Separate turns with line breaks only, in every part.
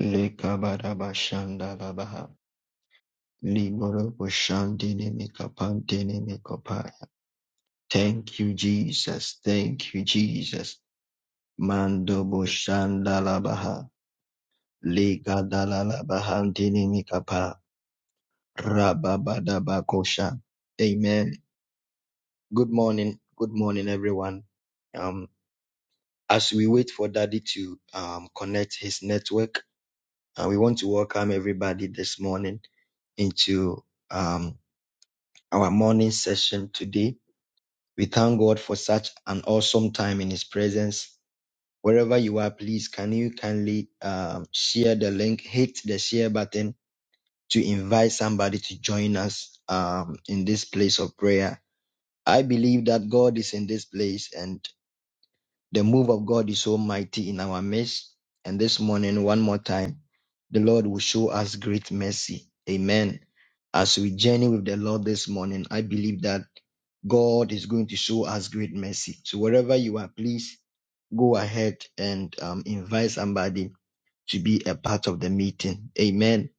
Lekabarabashandarabaha. Liboroboshandinimikapandinimikopaya. Thank you, Jesus. Thank you, Jesus. Mando Boshandalabaha. Legadalalabahandinimikapa. Rababadabakosha. Amen. Good morning. Good morning, everyone. Um, as we wait for Daddy to um, connect his network, uh, we want to welcome everybody this morning into um. our morning session today. We thank God for such an awesome time in His presence. Wherever you are, please can you kindly um, share the link, hit the share button to invite somebody to join us um, in this place of prayer. I believe that God is in this place, and the move of God is so mighty in our midst. And this morning, one more time, the Lord will show us great mercy. Amen. As we journey with the Lord this morning, I believe that God is going to show us great mercy. So wherever you are, please go ahead and um, invite somebody to be a part of the meeting. Amen.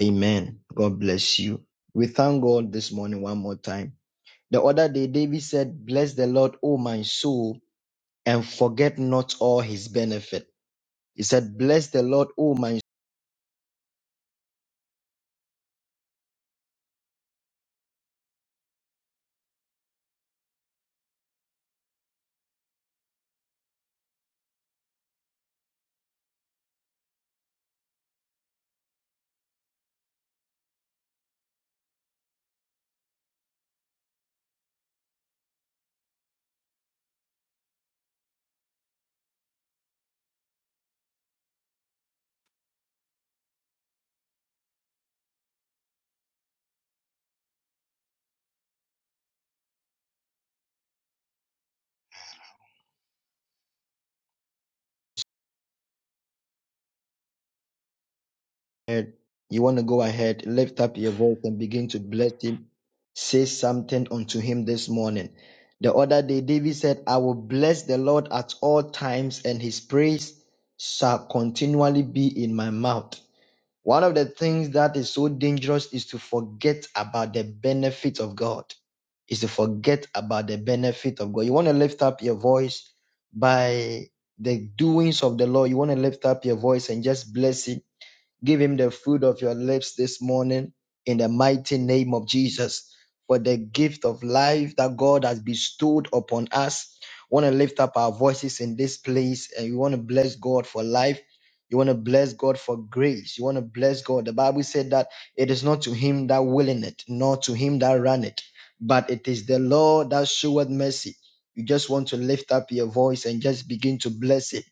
Amen. God bless you. We thank God this morning one more time. The other day, David said, Bless the Lord, O my soul and forget not all his benefit. He said, Bless the Lord, O my spirit. You want to go ahead, lift up your voice and begin to bless him. Say something unto him this morning. The other day, David said, I will bless the Lord at all times, and his praise shall continually be in my mouth. One of the things that is so dangerous is to forget about the benefit of God. Is to forget about the benefit of God. You want to lift up your voice by the doings of the Lord. You want to lift up your voice and just bless Him Give him the fruit of your lips this morning in the mighty name of Jesus for the gift of life that God has bestowed upon us. want to lift up our voices in this place and you want to bless God for life. You want to bless God for grace. You want to bless God. The Bible said that it is not to him that willing it, nor to him that ran it, but it is the Lord that showeth mercy. You just want to lift up your voice and just begin to bless it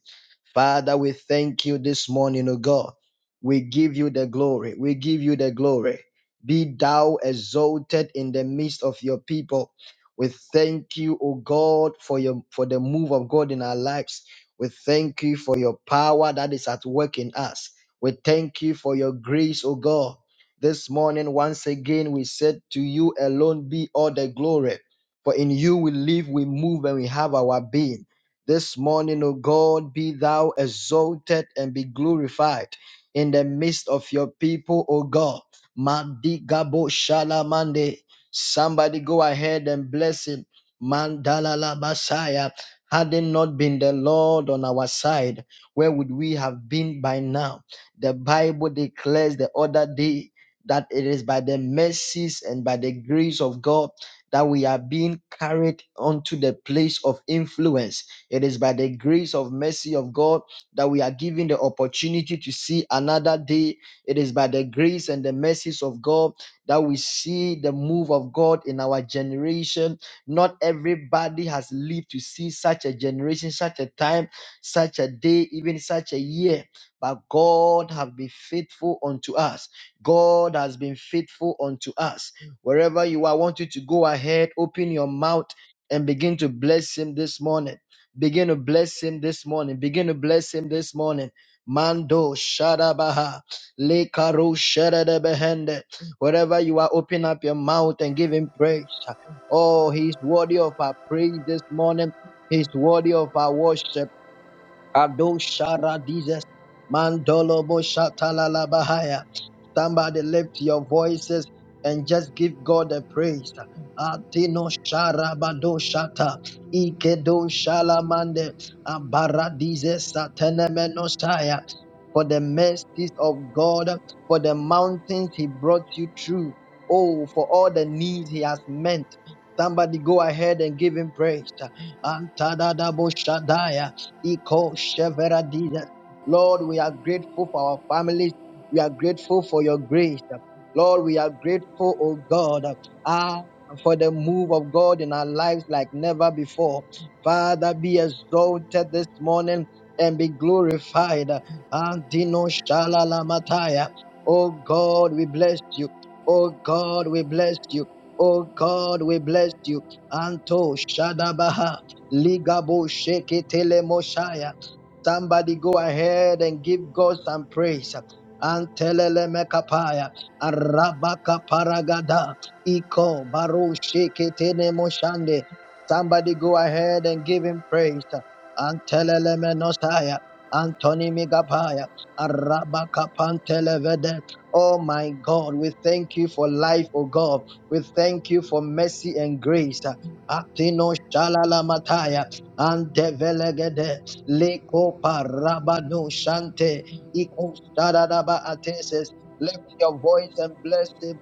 Father, we thank you this morning, O God. We give you the glory. We give you the glory. Be thou exalted in the midst of your people. We thank you, O God, for your for the move of God in our lives. We thank you for your power that is at work in us. We thank you for your grace, O God. This morning, once again, we said to you alone be all the glory. For in you we live, we move, and we have our being. This morning, O God, be thou exalted and be glorified in the midst of your people, O God. Madigabo shalamande. Somebody go ahead and bless him. Mandalala Basaya. Had it not been the Lord on our side, where would we have been by now? The Bible declares the other day that it is by the mercies and by the grace of God that we are being carried onto the place of influence it is by the grace of mercy of God that we are given the opportunity to see another day. It is by the grace and the mercies of God that we see the move of God in our generation. Not everybody has lived to see such a generation, such a time, such a day, even such a year. But God has been faithful unto us. God has been faithful unto us. Wherever you are, I want you to go ahead, open your mouth and begin to bless Him this morning. Begin to bless him this morning. Begin to bless him this morning. Mando Shadabaha. Le Karo Shadada behende. Wherever you are, open up your mouth and give him praise. Oh, he's worthy of our praise this morning. He's worthy of our worship. Ado Shara Jesus. Mandolo bo shatalala bahaya. Somebody lift your voices and just give God a praise. Atino sharabado shata ikedo shalamande abaradize satenemenosaya for the mercies of God, for the mountains He brought you through. Oh, for all the needs He has met. Somebody go ahead and give Him praise. Lord, we are grateful for our families. We are grateful for your grace. Lord, we are grateful, oh God. Ah for the move of God in our lives like never before. Father, be exalted this morning and be glorified. Antino shalalamataya. Oh God, we bless you. Oh God, we bless you. Oh God, we bless you. Anto Shadabaha. Ligabo Sheke Telemoshaya. Somebody go ahead and give God some praise. Antelele mekapaya, arabaka paragada, iko baru sheketene moshande. Somebody go ahead and give him praise. Antelele menosaya. Anthony Megapaya, Arabakapantelevede. Oh my God, we thank you for life, oh God. We thank you for mercy and grace. Atino Shalalamataya, Antevelegede, Leko Parabano Shante, Iko Stadadaba Ateses. Lift your voice and bless him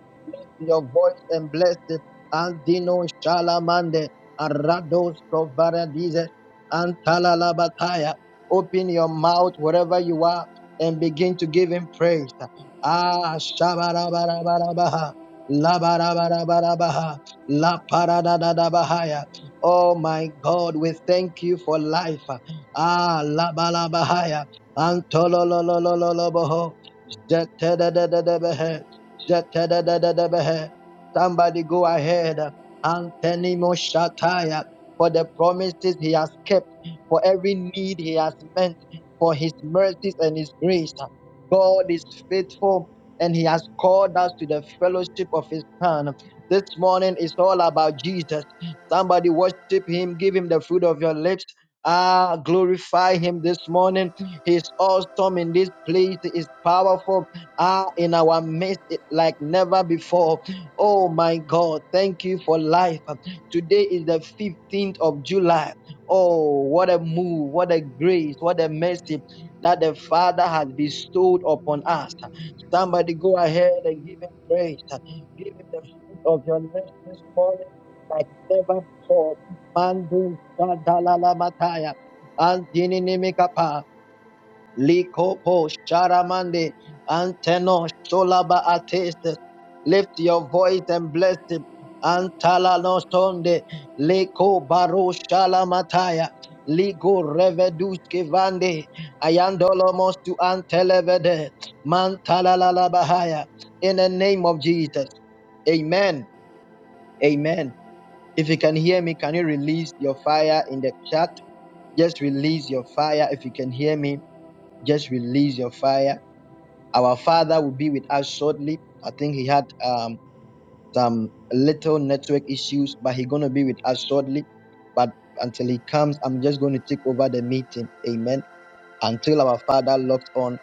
in your voice and bless it. Andino Shalamande, Arados Kovaradize, Antalalabataya. Open your mouth wherever you are and begin to give him praise. Ah, Shabarabarabaha, Labarabarabaha, La Paradadabahaya. Oh my God, we thank you for life. Ah, Labalabahaya, Antolololololoboho. Somebody go ahead and tenimo shataya for the promises he has kept, for every need he has meant, for his mercies and his grace. God is faithful and He has called us to the fellowship of His Son. This morning is all about Jesus. Somebody worship Him, give Him the fruit of your lips. Ah, glorify Him this morning. He is awesome in this place. He is powerful. Ah, in our midst, like never before. Oh my God, thank you for life. Today is the 15th of July. Oh, what a move, what a grace, what a mercy that the Father has bestowed upon us. Somebody go ahead and give him praise. Give him the fruit of your lips this morning like never before. Mandu Sadalalamatai. Antininimikapa. Likopo Sharamande Anteno solaba Ateste. Lift your voice and bless him. Antala no sonde Leko Baro Shalamataya. Ligo Reveduske Vande Ayandolo Mostu Antelevede Mantala la Bahaya. In the name of Jesus. Amen. Amen. If you can hear me, can you release your fire in the chat? Just release your fire if you can hear me. Just release your fire. Our Father will be with us shortly. I think he had um, some little network issues, but he's going to be with us shortly. But until he comes, I'm just going to take over the meeting. Amen. Until our Father locked on,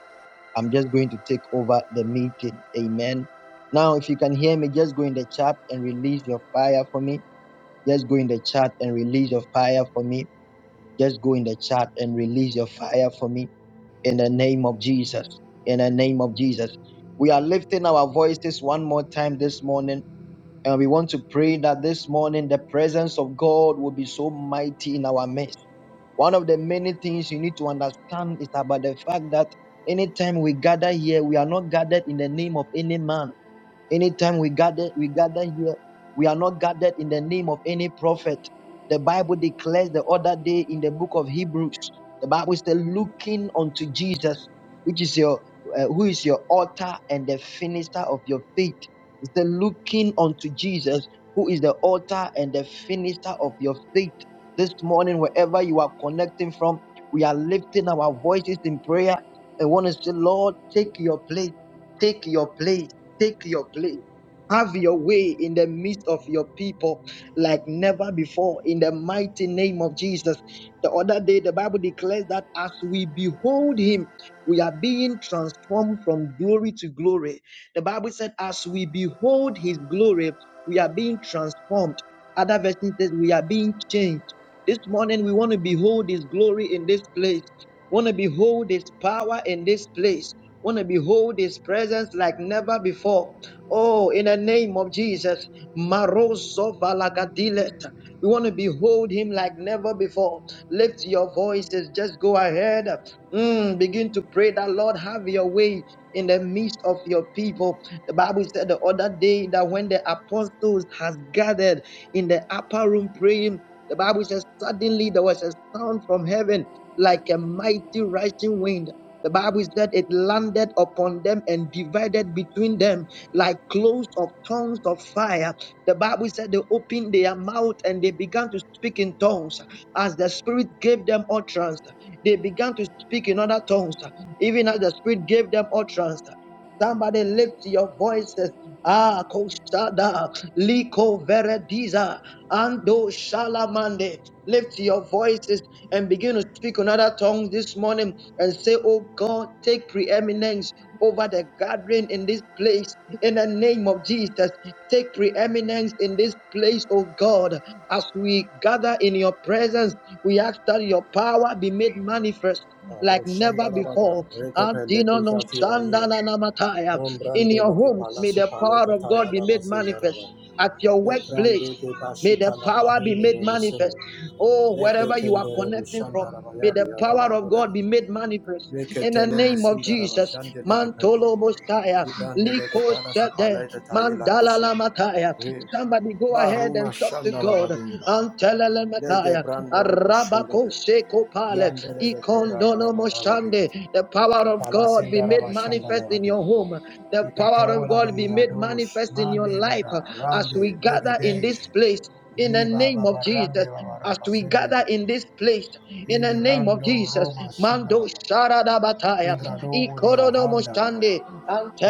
I'm just going to take over the meeting. Amen. Now, if you can hear me, just go in the chat and release your fire for me. Just go in the chat and release your fire for me. Just go in the chat and release your fire for me in the name of Jesus. In the name of Jesus. We are lifting our voices one more time this morning, and we want to pray that this morning the presence of God will be so mighty in our midst. One of the many things you need to understand is about the fact that anytime we gather here, we are not gathered in the name of any man. Anytime we gather, we gather here. We are not gathered in the name of any prophet. The Bible declares the other day in the book of Hebrews, the Bible is looking unto Jesus, which is your uh, who is your author and the finisher of your faith. It's the looking unto Jesus, who is the author and the finisher of your faith. This morning, wherever you are connecting from, we are lifting our voices in prayer and want to say, Lord, take your place, take your place. Take your place. Have your way in the midst of your people like never before in the mighty name of Jesus. The other day, the Bible declares that as we behold him, we are being transformed from glory to glory. The Bible said, as we behold his glory, we are being transformed. Other version says, we are being changed. This morning, we want to behold His glory in this place. Want to behold His power in this place. Want to behold His presence like never before. Oh, in the name of Jesus, Maroso Valagadilet. We want to behold Him like never before. Lift your voices. Just go ahead. Mm, begin to pray that Lord have your way in the midst of your people. The Bible said the other day that when the apostles has gathered in the upper room praying. The Bible says, Suddenly there was a sound from heaven like a mighty rushing wind. The Bible said it landed upon them and divided between them like clothes of tongues of fire. The Bible said they opened their mouth and they began to speak in tongues as the Spirit gave them utterance. They began to speak in other tongues, even as the Spirit gave them utterance. Somebody lift your voices. Ah, Koshada, Liko Verediza, Ando Shalamande. Lift your voices and begin to speak another tongue this morning and say, Oh God, take preeminence over the gathering in this place in the name of Jesus. Jesus, take preeminence in this place, oh God. As we gather in your presence, we ask that your power be made manifest like never
Roshandarabada,
before.
Rekepe
no
Lekuzati Valino, Non
In
Brande
your
Leke
homes, may
Palasu
the
Pale
power of
Kataya
God be
Lava
made manifest.
Zindaraba,
At your
Le
workplace,
Brande Ke
May the
Bashita Lava
power be made
Hengere Resendo,
manifest. Oh,
Le De
wherever you are
Kendere
connecting from,
Roshandaraba
may
Yari
the power
Adaba
of God
Holade,
be made manifest.
Reke
In the
Telema
name of
Sindaraba
Jesus,
Shande Leke Pele,
Mantolo Mostaya,
Zibrande Leke
Liko
Palasu
Sede,
Pale Kataya La
Mandala
Koshia,
Lamataya.
Re
Somebody go ahead
Baruma
and talk to
Shandaraba
God.
Dinila,
Antele
Lege
Lamataya,
Brando Robo
Arabako
Shindade,
Seko Pale,
Yandere Kurada
Ikondono
Barabade,
Moshande. The power of God be made
Palasindaraba
manifest in
Shandaraba
your home. The power of
Ikatola
God be
de
made
Adosh,
manifest in your
Mande
life uh,
Lada,
as
Rande,
we gather in
Legadej,
this place. In the
Riba
name of
Baba Rande
Jesus,
Baba
as we
Rapazende
gather in
Legade,
this place, in the name of
Irando
Jesus,
Roma
Mando
Shindaraba,
Sharada Bataya,
Ingrado Ulia
Ikorodo
Handarabaya,
Moshande,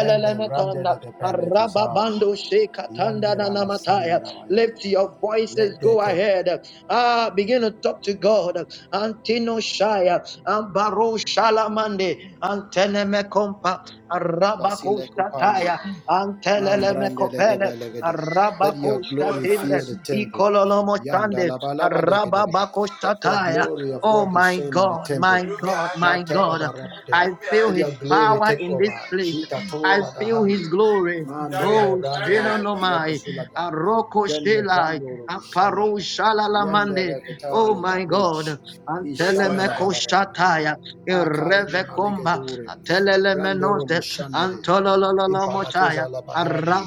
Lende Rande Legapele to Sad,
Arababando Shekatanda
Yandi Raba
Nanamataya.
Sandarabaya,
Lift your voices,
Let
go
Deke
ahead. Ah, begin to talk to God. Antino shaya ambaro shalamande anteneme kompa arabako
Vasile kupali.
sataya antelele mekopele
Mambrandelegede, Let
arabako
your glory
satinde
fill the temple.
ikololomo
Yanda
shande
Yandalabalabadegede,
arababako
Let the
sataya
glory of
Oh
God
my
descend in the
God,
temple.
my God, my God.
Latababarabade,
I feel
Let
his
your glory
power
take
in
over.
this place. I feel
Jikatoladahandi,
his glory. Oh,
mandolebrandelegede,
Shinonomai.
lekozulada,
Aroko Shelai,
jendebrandolushandana,
Aparo Shalalamande. Oh my
yendereketalibarush,
God, Antelemeko
lishandalabalabadegede,
Shataya,
makalena
Irevekomba,
malegedoria,
Atelelemenote,
randeroboshandere,
Antolololomoshaya,
Impalatoza la Bahali,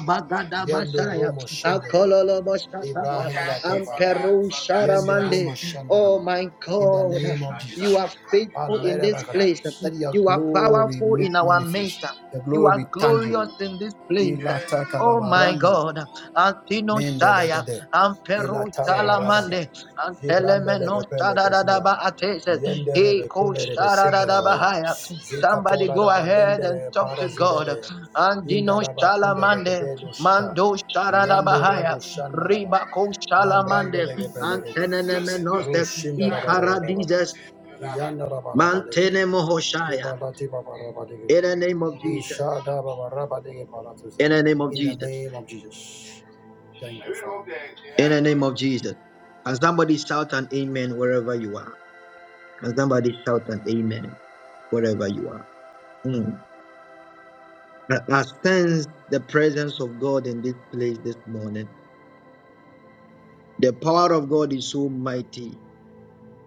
Yendo Romo Shenderebe,
Akololomoshataya,
Librahi la Tevala,
Amperu
Yende
Sharamande.
Romo
Oh
Shandaraba.
my
In the
God,
name of
you
Jesus,
are faithful in this
Balarebakara.
place.
let your
You are
glory
powerful
make
in our
manifest,
midst.
your
You
glory
are
be
glorious
tangible.
in this place. Oh my
Ilatakababarando,
God. Antino Shaya.
Mendelegede,
Ampero
Ilatababarabada,
Salamande. Antelemeno
Zibrandelegepelekazura,
Shadadadaba Atese.
Yenderebe
Eko
Kunderebe Sindalavaya,
Shadadadabahaya. Somebody
Zikatola
go ahead and
Balendere
talk to God.
Parazulede,
Andino
Indalaba kunde
Shalamande.
legede lushita.
Mando
Yande rebo
Shadadabahaya.
shanda laba.
Ribako
Mambrande
Shalamande.
legebe legede.
Antenemenose.
Rushinda laba laba laba
Ikaradises.
laba. Yanda laba laba legede.
Mantene Mohoshaya.
Zibalati baba laba legede.
In the name of Jesus.
Lishada baba raba lege balatuza.
In the name of
In the
Jesus.
name of Jesus. Thank you, Father.
In the name of Jesus. Can somebody shout an amen wherever you are? Can somebody shout an amen wherever you are? Mm. I, I sense the presence of God in this place this morning. The power of God is so mighty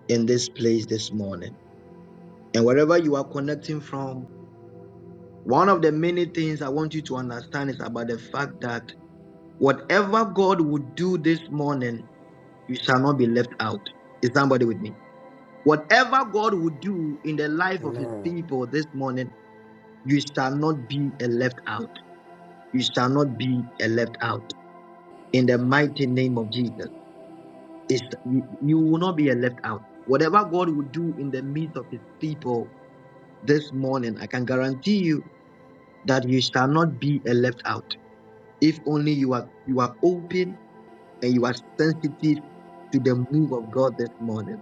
in this place this morning. And wherever you are connecting from, one of the many things I want you to understand is about the fact that whatever God would do this morning, you shall not be left out. Is somebody with me? Whatever God will do in the life of his
Amen.
people this morning, you shall not be a left out. You shall not be a left out. In the mighty name of Jesus, it's, you, you will not be a left out. Whatever God will do in the midst of his people this morning, I can guarantee you that you shall not be a left out. If only you are you are open and you are sensitive to the move of God this morning.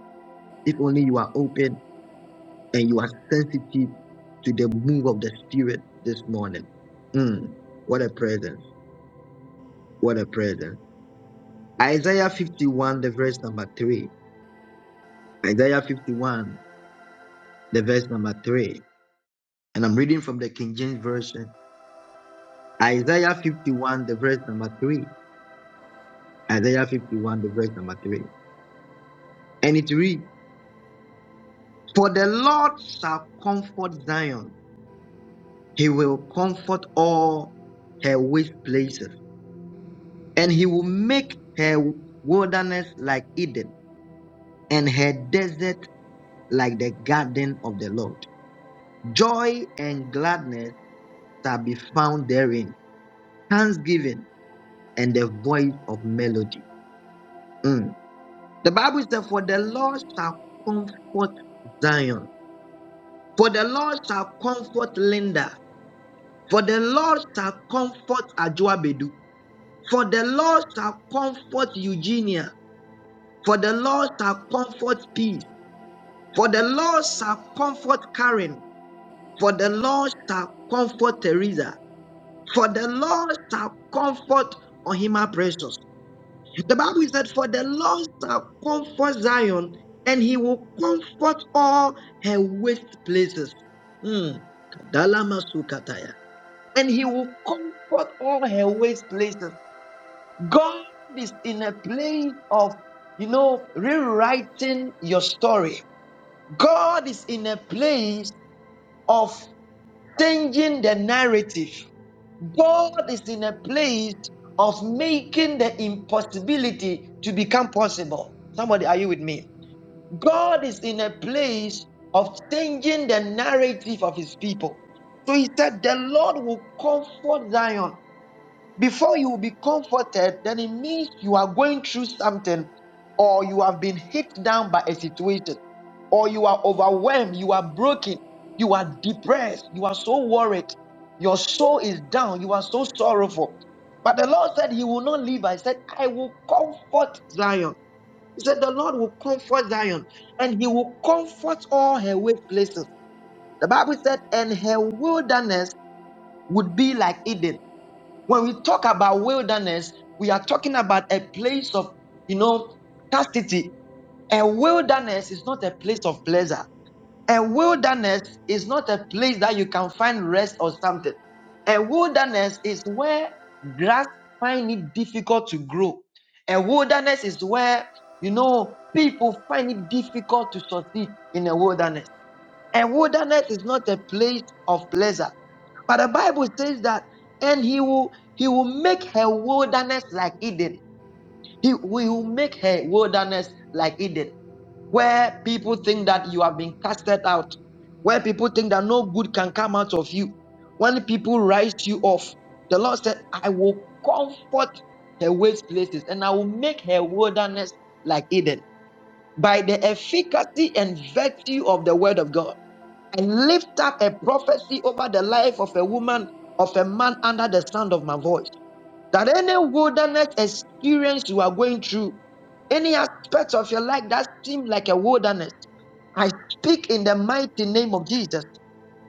If only you are open and you are sensitive to the move of the Spirit this morning. Mm, what a presence. What a presence. Isaiah 51, the verse number 3. Isaiah 51, the verse number 3. And I'm reading from the King James Version. Isaiah 51, the verse number 3. Isaiah 51, the verse number 3. And it reads, For the Lord shall comfort Zion, he will comfort all her waste places and he will make her wilderness like Eden, and her desert like the garden of the Lord. Joy and gladness shall be found therein, thanksgiving and the voice of melody. Mm. The Bible says, For the Lord shall comfort Zion, for the Lord shall comfort Linda, for the Lord shall comfort Ajuabedu, for the Lord shall comfort Eugenia, for the Lord shall comfort peace. For the Lord shall comfort Karen. For the Lord shall comfort Teresa. For the Lord shall comfort Ohima Precious. The Bible said, For the Lord shall comfort Zion, and he will comfort all her waste places. Hmm. Dalama Sukataya. And he will comfort all her waste places. God is in a place of, you know, rewriting your story. God is in a place of changing the narrative. God is in a place of making the impossibility to become possible. Somebody, are you with me? God is in a place of changing the narrative of his people. So he said, The Lord will comfort Zion before you will be comforted, then it means you are going through something, or you have been hit down by a situation, or you are overwhelmed, you are broken, you are depressed, you are so worried, your soul is down, you are so sorrowful. But the Lord said, He will not leave. I said, I will comfort Zion. He said, The Lord will comfort Zion, and He will comfort all her waste places. The Bible said, And her wilderness would be like Eden when we talk about wilderness, we are talking about a place of, you know, chastity. A wilderness is not a place of pleasure. A wilderness is not a place that you can find rest or something. A wilderness is where grass find it difficult to grow. A wilderness is where, you know, people find it difficult to succeed in a wilderness. And wilderness is not a place of pleasure. But the Bible says that, and he will he will make her wilderness like Eden. He will make her wilderness like Eden, where people think that you have been casted out, where people think that no good can come out of you. When people rise you off, the Lord said, I will comfort her waste places and I will make her wilderness like Eden by the efficacy and virtue of the word of God. I lift up a prophecy over the life of a woman, of a man under the sound of my voice. That any wilderness experience you are going through, any aspect of your life that seems like a wilderness, I speak in the mighty name of Jesus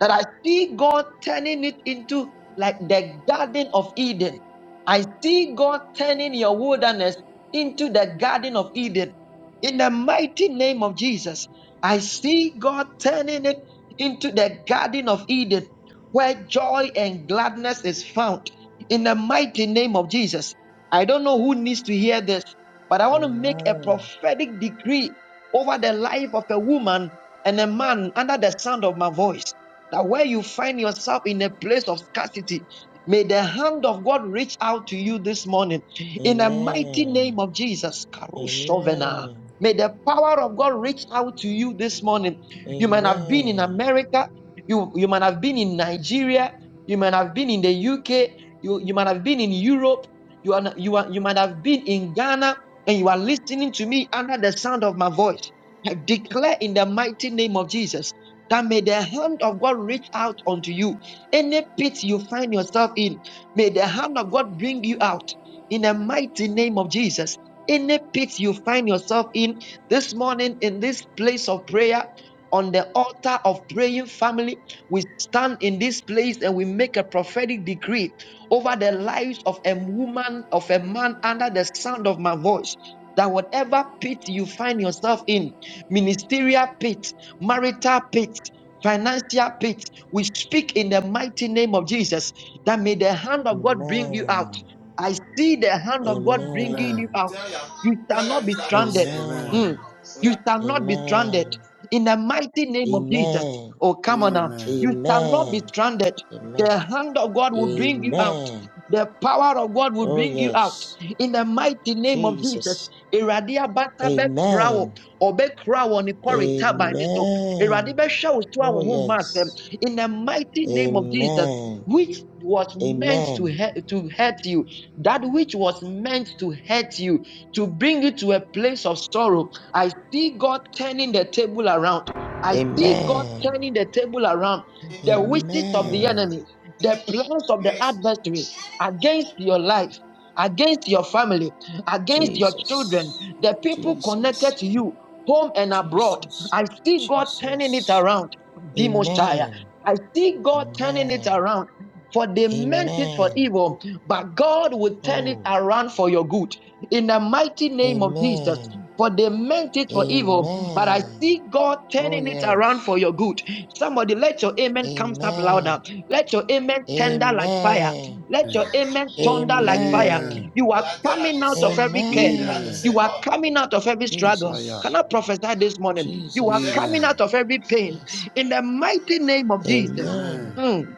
that I see God turning it into like the Garden of Eden. I see God turning your wilderness into the Garden of Eden. In the mighty name of Jesus, I see God turning it into the Garden of Eden where joy and gladness is found. In the mighty name of Jesus, I don't know who needs to hear this, but I want to make a
Amen.
prophetic decree over the life of a woman and a man under the sound of my voice. That where you find yourself in a place of scarcity, May the hand of God reach out to you this morning in the mighty
Amen.
name of Jesus. Karoshovena.
Amen.
May the power of God reach out to you this morning. You might have been in
Amen.
America, you, you might have been in Nigeria, you might have been in the UK, you, you might have been in Europe, you, are, you, are, you might have been in Ghana, and you are listening to me under the sound of my voice. I declare in the mighty name of Jesus that may the hand of God reach out unto you. Any pit you find yourself in, may the hand of God bring you out in the mighty name of Jesus. Any pit you find yourself in this morning in this place of prayer, on the altar of praying family, we stand in this place and we make a prophetic decree over the lives of a woman, of a man under the sound of my voice. That whatever pit you find yourself in, ministerial pit, marital pit, financial pit, we speak in the mighty name of Jesus that may the hand of God bring you out.
Amen.
I see the hand of God bringing
Amen.
you
Amen.
out.
Tell your,
You shall
tell your
not be
sister to
stranded.
say. Amen.
Mm.
Amen.
Oh,
You
yeah.
shall not be stranded
Amen.
in the mighty name of Jesus.
Amen.
Oh, come on now.
Amen.
You shall not
Amen.
be stranded.
Amen.
The hand of God will bring you out.
Amen.
The power of God will
Oh
bring you out
yes.
in the mighty name of Jesus.
Jesus.
Awurade abata bɛkra wo
Amen.
ɔbɛkra wo ne kɔre taban ne so Awurade
Amen.
bɛhwɛ wo so a
Oh
wo
yes.
in the mighty name of Jesus
Amen.
which was meant to
Amen.
hurt, to hurt you that which was meant to hurt you to bring you to a place of sorrow i see god turning the table around i see god
Amen.
turning the table around the wishes of the
Amen.
Amen.
enemy the plans of the
Yes.
adversary against your life, against your family, against your children,
Jesus,
the people
Jesus,
connected to you, home and abroad.
Jesus,
I see God turning it
Jesus.
around, Demosiah.
Amen,
I see God turning it
amen,
around. For they meant it for
amen.
evil, but God will turn it
Oh,
around for your good in the mighty name of Jesus.
amen,
For they meant it for evil, but I
amen.
see God
Oh,
turning it around for
yes,
your good. Somebody, let your amen come up
amen,
louder. Let your amen tender like fire.
amen,
Let
Amen.
your amen thunder like fire.
Amen.
amen,
You
Oya
are
tell her
coming
to
out of every curse.
say, tell her to Amen.
amen.
say,
You are
come.
coming out of every struggle.
Ah, yeah.
Can
Jesus,
I prophesy this morning? You are
Tell,
coming
Jesus,
out
Amen.
of every pain
yes,
in the mighty name of Jesus.
amen,
Amen.
Mm.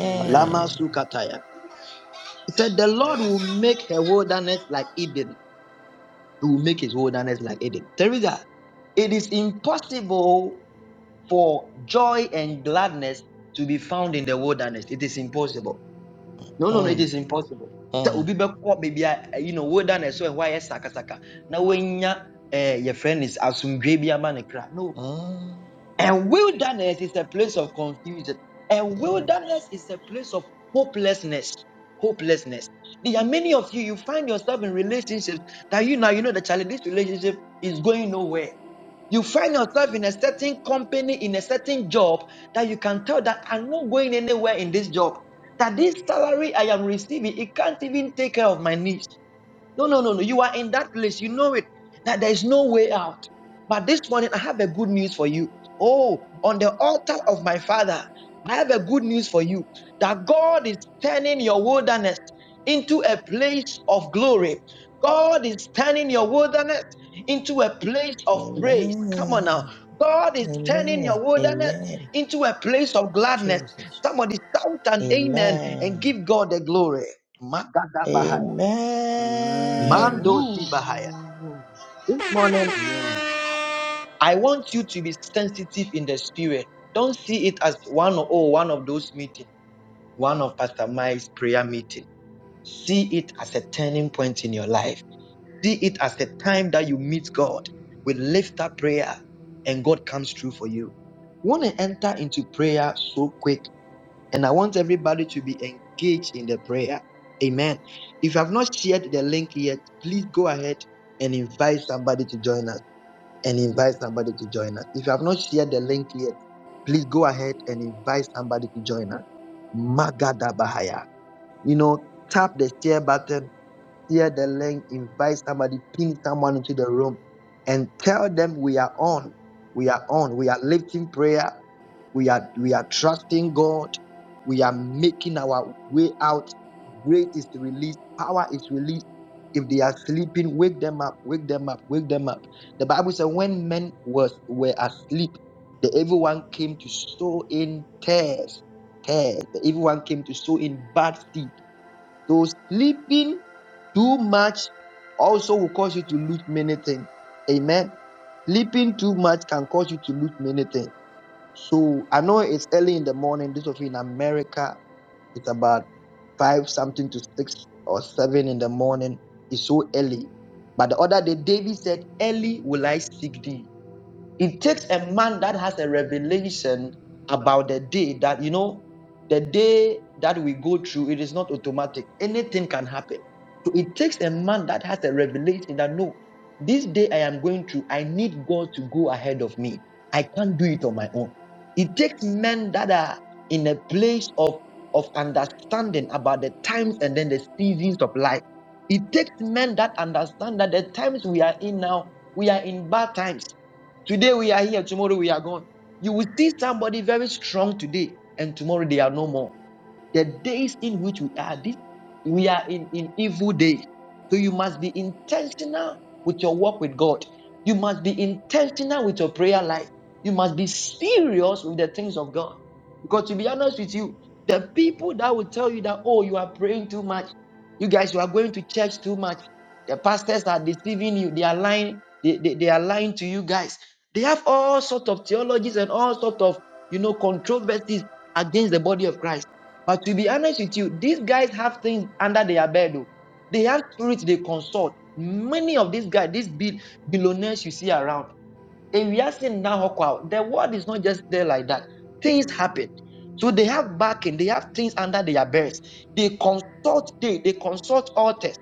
Amen.
Lama Sukataya. He said, The Lord will make her wilderness like Eden. He will make his wilderness like Eden. Teresa, it is impossible for joy and gladness to be found in the wilderness. It is impossible. No, no, no, it
Uh,
is impossible. Sɛ
uh,
obi be baabi a, eh, you know, wilderness so why is saka saka? Now when your friend is asomdwe bi kra. No,
uh,
and wilderness is a place of confusion. And
yeah.
wilderness is a place of hopelessness. Hopelessness. There are many of you, you find yourself in relationships that you now, you know, the child, this relationship is going nowhere. You find yourself in a certain company, in a certain job that you can tell that I'm not going anywhere in this job. That this salary I am receiving, it can't even take care of my needs. No, no, no, no. You are in that place. You know it. That there is no way out. But this morning, I have a good news for you. Oh, on the altar of my father, I have a good news for you that God is turning your wilderness into a place of glory. God is turning your wilderness into a place of praise. Come on now.
Amen.
God is turning
Amen.
your wilderness
Amen.
into a place of gladness.
Jesus.
Somebody shout an amen and
Amen.
give God the glory. Magadabahaya.
Amen.
Amen. Amen.
Mando Zibahaya.
Woo.
This morning, I want you to be sensitive in the spirit. Don't see it as one or oh, one of those meetings, one of Pastor Mike's prayer meeting. See it as a turning point in your life. See it as the time that you meet God with lift up prayer and God comes through for you. We want to enter into prayer so quick, and I want everybody to be engaged in the prayer. Amen. If you have not shared the link yet, please go ahead and invite somebody to join us. and invite somebody to join us. If you have not shared the link yet, please go ahead and invite somebody to join us. Magada Bahaya. You know, tap the share button share the link, invite somebody, pin someone into the room, and tell them we are on. We are on. We are lifting prayer. We are we are trusting God. We are making our way out. Grace is released. Power is released. If they are sleeping, wake them up. Wake them up. Wake them up. The Bible says when men was were asleep, the evil one came to sow in tares. Tares. The evil one came to sow in bad seed so sleeping too much also will cause you to lose many things. Amen. Sleeping too much can cause you to lose many things. So I know it's early in the morning. This of you in America, it's about five something to six or seven in the morning. It's so early. But the other day, David said, "Early will I seek thee." It takes a man that has a revelation about the day that, you know, the day that we go through, it is not automatic. Anything can happen. So it takes a man that has a revelation that, no, this day I am going through, I need God to go ahead of me. I can't do it on my own. It takes men that are in a place of, of understanding about the times and then the seasons of life. It takes men that understand that the times we are in now, we are in bad times. Today we are here, tomorrow we are gone. You will see somebody very strong today, and tomorrow they are no more. The days in which we are, we are in, in evil days. So you must be intentional with your walk with God. You must be intentional with your prayer life. You must be serious with the things of God. Because to be honest with you, the people that will tell you that, oh, you are praying too much, you guys, you are going to church too much, the pastors are deceiving you, they are lying, they, they, they are lying to you guys. They have all sorts of theologies and all sorts of, you know, controversies against the body of Christ. But to be honest with you, these guys have things under their bed. Though. They have spirits they consult. Many of these guys, these bill- billionaires you see around, ewiase nna hɔ kwa o. the world is not just there like that things happen so they have backing they have things under their berths they consult they they consult altars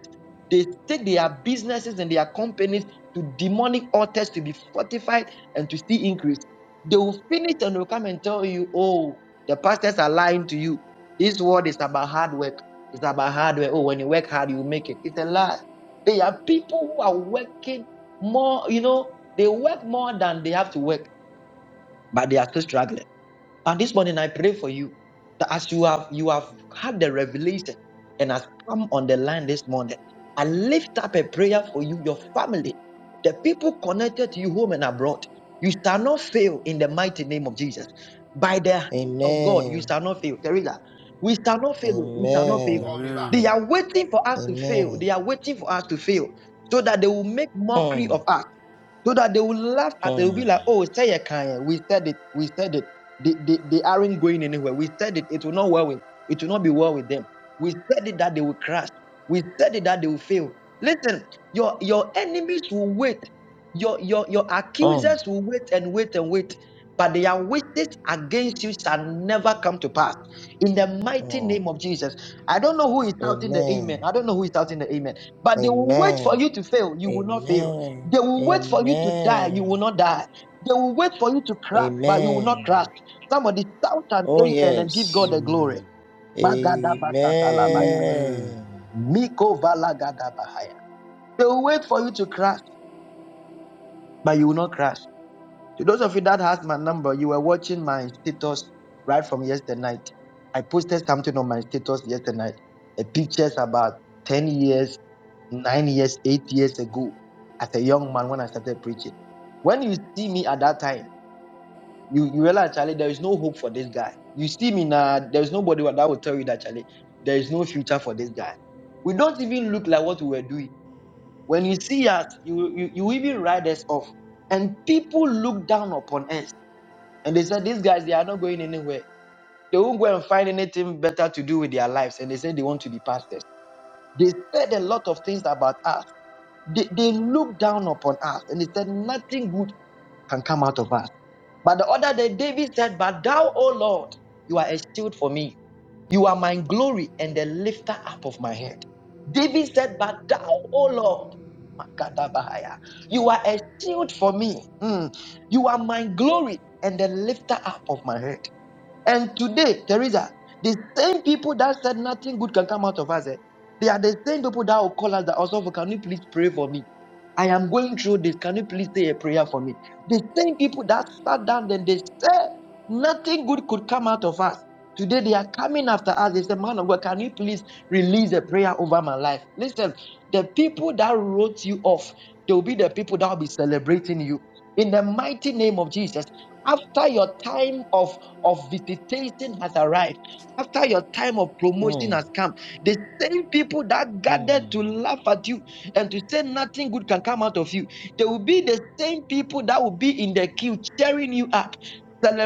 they take their businesses and their companies to demonic altars to be fortified and to see increase they will finish and will come and tell you oh the pastors are lying to you this world is about hard work it's about hard work oh when you work hard you make it it's a lie they are people who are working more, you know, they work more than they have to work, but they are still struggling. And this morning I pray for you that as you have you have had the revelation and has come on the line this morning, I lift up a prayer for you, your family, the people connected to you home and abroad. You shall not fail in the mighty name of Jesus. By the hand of God, you
Amen.
shall not fail. Teresa, we shall not fail. We shall
say
not
you
Amen.
fail.
call me back.
They
Amen.
are waiting for us to fail.
Amen.
They are waiting for us to fail so that they will make mockery
Mm.
of us so that they will laugh at it. They will be
Mm.
like, "Oh, say a kind. We said it. We said it. They, they, they aren't going anywhere. We said it. It will not well with. It will not be well with them. We said it that they will crash. We said it that they will fail. Listen, your your enemies will wait. Your, your, your
Mm.
accusers will wait and wait and wait, but their wishes against you shall never come to pass. In the mighty
Mm.
name of Jesus. I don't know who is shouting the
Amen.
amen. I don't know who is shouting the amen. But they will wait for
Amen.
you to fail. You will not fail.
Amen.
They will wait for you to die. You will
Amen.
not die. They will wait for you to crash, but you will not
Amen.
crash. Somebody shout an
Oh
amen and give God
yes.
the glory. Magadabashatalabaya.
Amen.
Miko valagadabahaya. They will wait for you to crash, but you will not crash. To those of you that has my number, you were watching my status right from yesterday night. I posted something on my status yesterday night. A pictures about 10 years, 9 years, 8 years ago as a young man when I started preaching. When you see me at that time, you, you realize, Charlie, there is no hope for this guy. You see me now, there's nobody that will tell you that, Charlie, there is no future for this guy. We don't even look like what we were doing. When you see us, you, you, you even write us off. And people look down upon us and they said, These guys, they are not going anywhere. They won't go and find anything better to do with their lives. And they said they want to be pastors. They said a lot of things about us. They, they looked down upon us and they said, Nothing good can come out of us. But the other day, David said, But thou, O Lord, you are a shield for me. You are my glory and the lifter up of my head. David said, But thou, O Lord, you are a shield for me. Mm. You are my glory and the lifter up of my head. And today, Teresa, the same people that said nothing good can come out of us, eh, they are the same people that will call us that also, can you please pray for me? I am going through this. Can you please say a prayer for me? The same people that sat down and they said nothing good could come out of us. Today they are coming after us. They say, Man of God, can you please release a prayer over my life? Listen, the people that wrote you off, they'll be the people that will be celebrating you in the mighty name of Jesus. After your time of, of visitation has arrived, after your time of promotion
Mm.
has come, the same people that gathered
Mm.
to laugh at you and to say nothing good can come out of you, they will be the same people that will be in the queue cheering you up,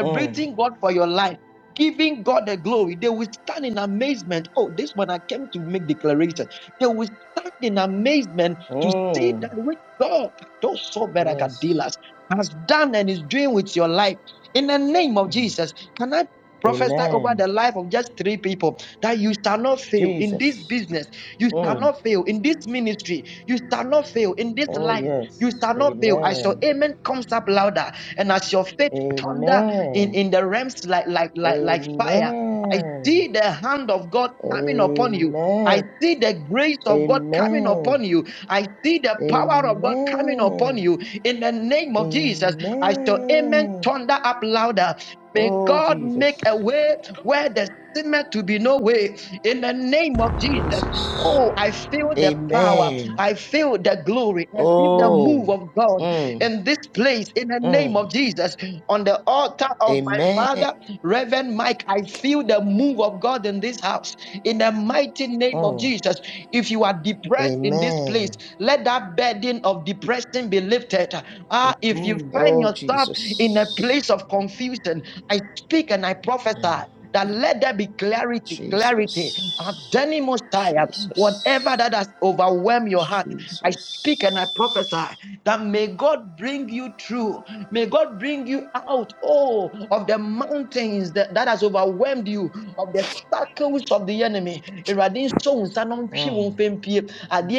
mm,
God for your life, giving God the glory. They will stand in amazement. Oh, this one I came to make declaration. They will stand in amazement to see
Mm.
that which God, those so better God
Yes.
dealers, has done and is doing with your life. In the name of
Mm.
Jesus, can I? prophesy over
Amen.
the life of just three people that you shall not fail in this
Jesus.
business you shall
Mm.
not fail in this ministry you shall not fail in this
Oh,
life you
yes.
shall not fail as your
Amen.
amen comes up louder and as your faith thunder in
Amen.
in the realms like like like like fire i
Amen.
see the hand of god coming upon you I
Amen.
see the grace of God coming
Amen.
upon you. I see the power of God coming upon
Amen.
you. In the name of Jesus, I shall amen
Amen.
thunder up louder. May
Oh,
God
Jesus.
make a way where there seemed to be no way in the name of Jesus.
Jesus.
Oh, I feel the power.
Amen.
I feel the glory. I feel the move
Oh.
of God
Mm.
in this place in the name
Mm.
of Jesus. On the altar of my
Amen.
father, Reverend Mike, I feel the move of God in this house in the mighty name of of
Mm.
Jesus. If you are depressed in this place,
Amen.
let that burden of depression be lifted. Ah, if you
Amen.
find
Oh,
yourself in a
Jesus.
place of confusion, I speak and I prophesy
Mm.
that let there be clarity, clarity.
Jesus.
Adenimostia, Whatever
Jesus.
that has overwhelmed your heart, I speak and I prophesy
Jesus.
that may God bring you through. May God bring you out, oh, of the mountains that, that has overwhelmed you, of the circles of the enemy. Awurade nso wo nsa na ɔntwe wo
Mm.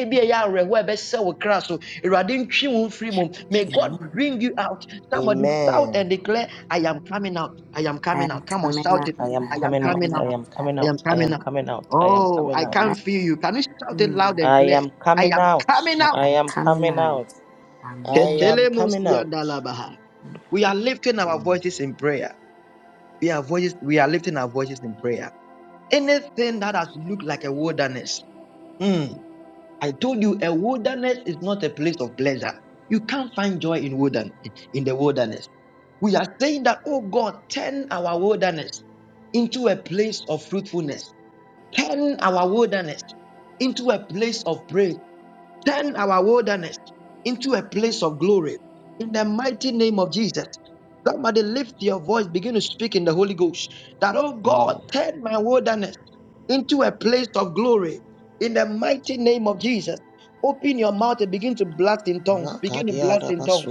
bi a ɛyɛ awerɛhoɔ a ɛbɛsɛ wo kra so, Awurade ntwe wo mfiri mu. May God
Amen.
bring you out. Somebody shout
Amen.
and declare, I am coming out. I am
I
coming
am
out. Come on,
coming
shout
out.
it.
I
I
am
I
am
am
coming
coming
out.
coming
I
out.
am
out. I am
coming
I am
out. I
coming out.
coming
am
out.
coming out. I am
Oh,
coming
I
Amen.
can't
out.
feel you. Can you shout it loud
Mm.
and
I
clear?
am
I
coming
am
out.
coming
I
out.
I
am
am
coming
coming
out.
out. I
Amen.
am coming out.
Ketelemosiandalabaha. We are lifting our
Mm.
voices in prayer. We are voices, we are lifting our voices in prayer. Anything that has looked like a wilderness. Hmm, I told you a wilderness is not a place of pleasure. You can't find joy in wilderness in the wilderness. We are saying that, oh God, turn our wilderness into a place of fruitfulness. Turn our wilderness into a place of praise. Turn our wilderness into a place of glory. In the mighty name of Jesus. Somebody lift your voice, begin to speak in the Holy Ghost. That, oh
Mm.
God, turn my wilderness into a place of glory. In the mighty name of Jesus. Open your mouth and begin to blast in tongues. Begin to blast in tongues.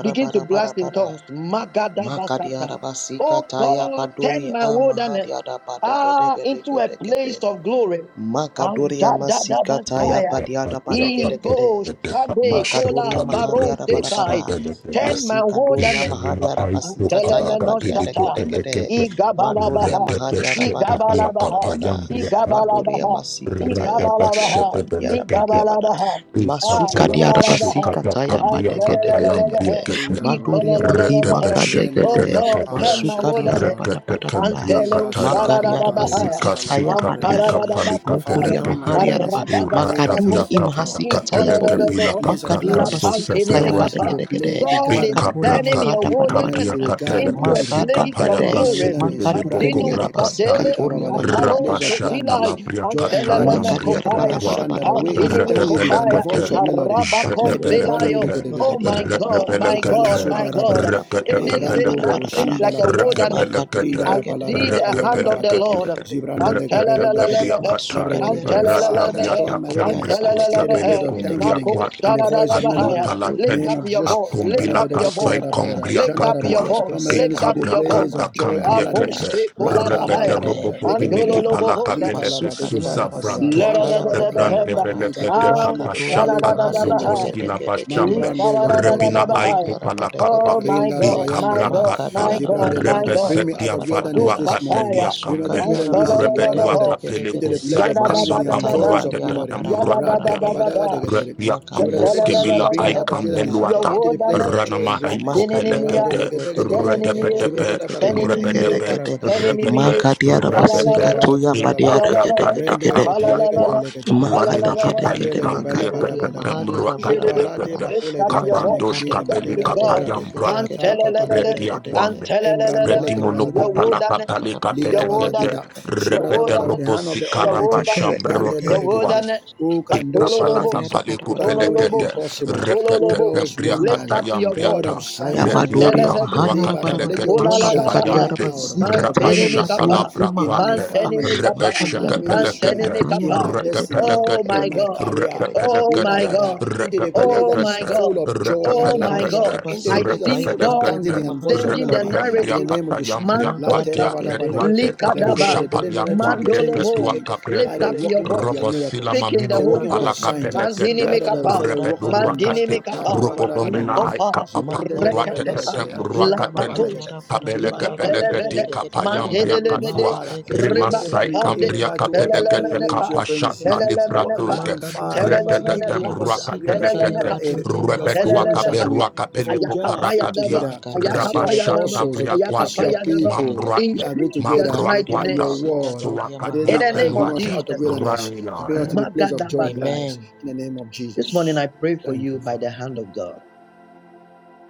Begin to blast in tongues. Magada basata.
Makadiarabasika
Oh
taya
God,
baduri
turn my wilderness
amahadiada
ah, into a
badegedegedegedegede.
place of glory.
Makadoria
Angada
masikataya
basaya.
padiada padegedegede.
Iko shade kola
Makadoria
baron
mahariada
sekai.
padabada.
Turn my
Masikadoria
wilderness.
Gemina
mahariada
aiko
masikataya
palaka
padiada
peliko
Telemenoshtata.
gedegede.
pelekete
Madoria
Igabalabaha.
mahariada
retepeshete
padabada
Igabalabaha.
padabada.
yakapayambia kapi
Madoria
Igabalabaha.
masikataya padiada
Igabalabaha.
retepeshete
padiada
pelekete
padiada.
Igabalabaha. Ah,
Masuka diada
ikatalaka
labalabaha.
shikata
pasikataya
kambia
Labarabaya.
katayambia
padegedegedegede.
Antelelelelebehe.
Shindarabare
Madoria
gede.
mahima
Ikololelelebehe.
Rende
Oh
kadegede.
leke
God,
para
Rekebeshepetelekete.
turn my
Masuka
sheta
diada
wilderness.
babara.
padabada pada.
Antelo
Libra
Reketekembriakataya.
Shila
Makadia
Dabaka Libra
shararababahaya.
Katalaba
Rabasikataya
Kure Mashinda. Father,
Amparabakosaya,
Mukuria
turn my
Rikasikaplikapalikatelekete.
mahari
wilderness
araba.
into a place of
Makaduri
Arabadabakose,
joy.
imahasi kataya
That
bodu.
is the
Ikorodorobo,
place of
Makadi araba
gladness.
si
My
kataya
wilderness
pada
Uratapiakapriakatelekepilakaprakasuseferuate.
into
Lapantinemikapa.
the
gede gede.
play the
God is
garden of
Makadoria
turning
breakthrough.
your
mahada
My
pada, bada
wilderness
wilderness
into
bada.
the garden
into
of
a
Eden.
Makada
place of
Turn
gede.
my
glory.
wilderness,
Makadu gedi
Atino
Brandekede,
araba si
Bikaprakatikapriakatelekesikaphayakasetekelebokobrakatae.
Sadele,
Lika
katoria
Babala into a
mahari
Aparo
place of
araba.
gladness,
Sotilai,
joy and gladness.
Makadi araba pada
Antelelemekopaya,
Rapashatalabriakatayamriaketwa.
pada,
Mashanda,
bada
the way
bada bada
is
bada.
thanksgiving and the
Antinimikopaya,
voice
Ratapelakata,
Makadi
of
araba.
melody.
Makadi
Let the
araba.
brandy
Arabakompilayo.
Shatapelakata,
lekede.
Oh
Makadi
my
araba pada, bada
God, my
bada.
Epala
God,
Ratapelakata,
my
Makadi
Sobarabaya,
God.
araba pada pada
Lebrando
Anything
pada
that
Robo
pada,
Rakatapelakata,
seems
bada.
Shinda
like a
Labataya,
wilderness,
Makada
Rakapelakata,
gede
Rida
I
gede
see
gede
the
Balarabakaya
gede
hand of the
gede
Labakata,
gede
Lord.
Rakapelakata,
gede.
Zibrande Legebege Legede,
Antelelelebehe,
Rakatakabiakata,
Masuka diada
Lebrede,
basika
Father,
antelelelebehe,
taya
turn
Rataviata
my
padiada
wilderness
Cambracus
into the
Cabele
place
antelelelebehe.
of
Cumbria
thanksgiving and
Quata,
the
padegedegedegedegedegedegede.
voice of
Adu
Makoshadadadabahaya.
melody. The
Makadoria
Lift
name
Palateli,
up
of
maha
your
Jesus,
voice,
diada
lift
pada
up
Acumbila
Ladadadada,
pada
your
pada
voice,
Casai
pada pada.
Koladabadada,
Cumbria
lift up
Maka
Jandaraba,
your
Catua,
diada
voice,
turn my
basika
lift
wilderness
up
into a
tori
your voice.
place
ama
Ekabracata
of joy
diada
and
Cambria
pada pada.
gladness.
Cate,
Maka
Repete
Aposhikolabahaya,
degede
Rababarabada,
Robocopiniki
Legebregede,
modiada maha.
andololobohota,
Lita
Palacapelete
Laba,
Masuka diada
Susa
Legebalatata,
Frantua,
basika taya
Jandarabagada,
badiada
Rante
leradadadabahenda,
pada.
Lida Do
belekete
Maka
Shileke
doria
Pali
kapashata
maharia
Rabasinde
da
anshadadadabaha,
Legede,
gede
rokoskila
gede gede.
bashambe
Mambrande
Madoria
repina
Legeberegede,
likabadadadabahaya.
aiko
maharia da
pala
pada
Oh
gede
kapa, palakapa
gede
my
gede.
God, my
Rindarabayanagada,
God,
Maka
ikabrakata
my
diada
God,
pada
my
pada
Zibrandelegede.
God.
pada
Bring me
pada
out
repesetia
of
pada pada
wilderness
vatua
pada.
this morning.
Upapaya,
katedia
Bring me out
Masuka
of
kambe
diara
wilderness this
bade
season.
gede
repetua
antololoboho.
Rabada,
gede gede
kapele
Into the
gede.
place
kusai
of
Yada da
kamba
da
thanksgiving
Masuka
da
and
da
taya
da.
voice of
kamruatete
badiara
melody.
bara
Yada
bara
da
bara
da
bara
da
mruakateli
da
bara bara.
da.
Radababadagadegedegede.
retia
Maka
The
Zibrada,
diara
Let
kamboske
your hand
masuka
bila
bring me
taya
telelelelele.
out of
aikambe
badiara
wilderness
bade
Your
luata
into
gede
the
word on
gede
place
it.
of
gede.
rana
joy and
mahaiko
gladness.
Maka de
Atenenimia.
gede
pelekete
gede
Randelegebegedegede.
gede gede
retepetepe
gede gede gede
Zibradadabakalekede.
gede
repetepe
gede.
Zaparabadagedegede.
repete
Maka diara
la la
basika
repepe
la,
toya
Zibrantelegepalatusalabaya.
badiara gede
Alalalala.
gede
ikabrakata
gede.
la la la. Ala la la
kambiatwa
la.
Rendeketelegepelekedegede.
Ala
Maka
la
de
Wamina
la la.
gede
kapai
gede maka
kambria
doria
kete
Zibrandelegepelebadabadagada.
mrua
mahariara bara
katele
bara
Zipalate
bara.
kete
Lift
bakule de
up your
Maka
velene
voice.
duka
kapandos
de
kedine
Talk
kapeli
gede
to
malida
gede
God.
gede
kapayam bra
gede
Man,
gede
tell
Shata
gede
papalede
gede
retia
gede
begede.
gede.
and
kwame
tell
Embrandele
reti monoko
gepelada.
your
Makaguria
pala
mara para
wilderness,
kapale
para para
your
Liga
kapele
para para
kete
wilderness,
baladida,
para.
your
shibrada
repete
balada,
Mak
the
wilderness,
hand of
robosi
the
your
karaba
Almighty,
makara
wilderness,
kara
Randele
your
kara.
bedegede,
wilderness.
who can do
Matolo
all
Kapalaka
Masukaria
things,
lobos,
ra para
who
paliku
para
can
para
matolo
do the
para
lobos,
pelekete
para para
impossible,
para.
matolo
who
repete
lobos.
does
kembria
Lift
wonders,
kata
Makaria
up your
God
voice.
of
yambriata
kataya
signs
Man,
and
pretia
badoria
wonders.
tell
kambrua
maharia ra para
Libadaba, Let
para.
your
Ola
kateleketi
la la
wonders bring
Masukaria
me
Kulalalabaha,
ra
kapayante
out
basi
of
kataya
Manteni mi
wilderness
rabashata
in,
la
badori
kapa,
i
in my
maharia
brakwate
ra ba.
Manteni
family,
Mikapa,
in my
Makaria
repesheke
ra basi
Manteni
ministry,
mi
pelekete
kataya
in
ba
kapa.
my
deke deke
destiny,
Oh
deke
rekepelekete
my
in
deke
my
God,
deke deke
career.
deke deke deke deke
oh
Read
deke
my
rekepelekete
about that
God,
into the place
oh
that is
my
rekepelekete
full
God,
of joy and
oh my
Magadi
gladness,
rekepelekete
God.
into
Arabasi
the
I
place of
see
Kataya
full of
God
rekepelekete
Badoria
thanksgiving and voice
Mahadi
of
changing the
melody.
Arabada
In
rekepembria
the
narrative.
Baraba
name
kata
of Jesus,
yambria
Maga
Latte
kwatia
Mantosha,
dege
babadabada.
dege
pretwate
dege
Let the the-
dege
Likadaba,
kabusha
the- the-
dege
the
palia
dege
narrative be
dege
kwambre
changed
dege
this
Mandolobo,
dege
ketua
morning
dege
by
lift
dege
the
up
dege
your
working of
dege
voice.
your
dege de
Robosila
miracles,
Speak in the
by
mamino
the
Holy
working of
Ghost.
your
kupala
Magadi
signs, uh,
kapele
Arabasi
Mandini
kete
Lord,
Kada
uh,
mikapa,
for the
Bada
work of
Bada
repedura
wonders.
mandini
Bada
kate
Lord, uh,
Bada
mikapa,
Bada
babada
Bada
ropodomina
kadeneme.
aika
likopa,
papa
Zibrande
Magadi
leke pe
ruate
leke
reketepa,
Arabasi
ketem
tere, Jata
Kadoria
baba
ruakateli
Mahadi
leke
lapatos,
de,
Arabada
kabele
Gede
Ribada ba
Gede
kepele
leke
Gede
zuketelevede,
tere
keti
dege
de.
Gede
The work
kapayam
on even
mandelevede,
Maga
riakatua
Father.
dege
So
dege
whatever
rimasai
dege
we,
ribakapande,
dege dege
kamria
whenever
dege
two or
kapele
dege
three carry your
kete
dege
name,
telelemenepa,
share
dege
presence
dege
kapashata
here.
de
The work on
telelemenepa,
livratuske
even Father.
Magadoria
So if
Mahadi
fretetetem
two
telelemenepa,
of us
Arabasi
agree
ruakatele
touching it
Kataya
on
kete
telelemekapa,
earth,
Badoria
your
Mahadi
Father in
repedua
heaven shall
Aragede
do
telelemekapa,
it.
kaberua kapele
Therefore, you join our faith
ayakapayadaba,
koparakadia
together as your
ayakapayadaba,
rabashata
apostles as your
vriakwate
ayakapayadaba.
people.
Makateketeketeketeketeketeketeketekete.
In
We
mamruate
agree
Jesus'
together
mighty
by
Makadoria
name,
your
mamruakwata
word
masikadoria
that
in
suakatia
you
the
maharia
and
name
bring
of
us
penuate
rapada
out
pada
of
Jesus,
pada pada.
wilderness
Right,
and bring us to
Lord.
the place of joy and
Magadabasaya.
gladness
Amen.
in the name of
This morning,
Jesus.
I pray for
Thank
you
you,
by
Father.
the hand of God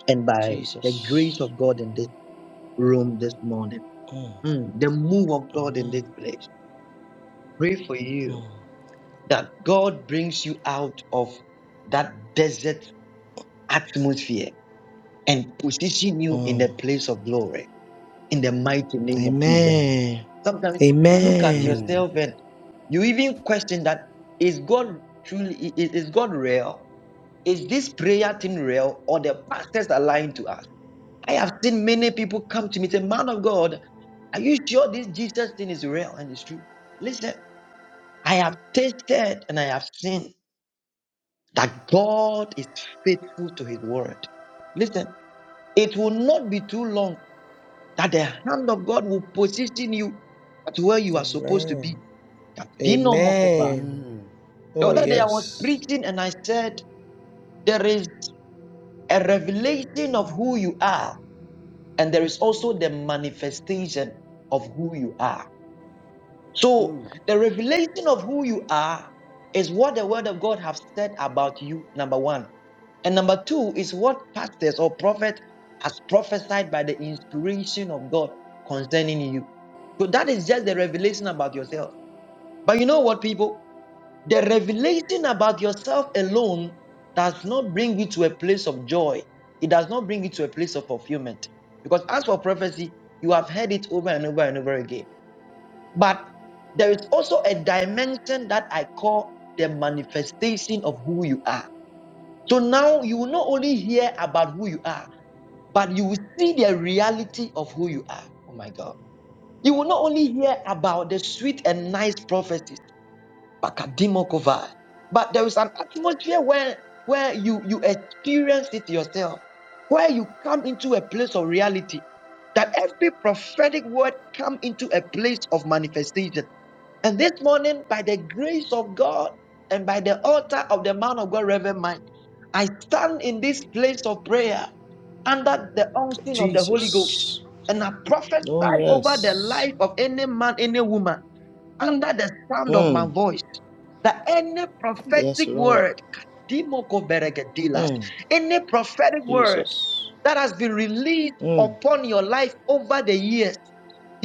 and by the grace
Jesus.
of God in this room this morning,
Mm.
Mm, the move of God in this
Amen.
place. Pray for you
Mm.
that God brings you out of that desert atmosphere and position you in the
Mm.
place of glory in the mighty name of Jesus.
Amen.
Amen.
Sometimes you look at
Amen.
Amen.
yourself and you even question that is God truly i- is God real? Is this prayer thing real or the pastors are lying to us? I have seen many people come to me and say, Man of God, are you sure this Jesus thing is real and it's true? Listen, I have tasted and I have seen that God is faithful to his word. Listen, it will not be too long that the hand of God will position you at where you are supposed to be.
Amen. Amen.
Amen.
The
Oh,
other day I was
yes.
preaching and I said, There is a revelation of who you are, and there is also the manifestation of who you are. So
Mm.
the revelation of who you are is what the word of God have said about you, number one. And number two is what pastors or prophet has prophesied by the inspiration of God concerning you. So that is just the revelation about yourself. But you know what, people? The revelation about yourself alone does not bring you to a place of joy. It does not bring you to a place of fulfillment. Because as for prophecy, you have heard it over and over and over again. But there is also a dimension that I call the manifestation of who you are. So now you will not only hear about who you are, but you will see the reality of who you are. Oh my God. You will not only hear about the sweet and nice prophecies, Bakadimokovai. But there is an atmosphere where where you you experience it yourself, where you come into a place of reality, that every prophetic word come into a place of manifestation. And this morning, by the grace of God and by the altar of the man of God, Reverend Mike, I stand in this place of prayer under the anointing of the Holy Ghost.
Jesus.
And I prophesy
Oh,
over the
yes.
life of any man, any woman under the sound of my
Mm.
voice that any
Yes,
prophetic
Lord.
word, Kadimoko Beregedilas,
Mm.
any prophetic word
Jesus.
that has been released
Mm.
upon your life over the years.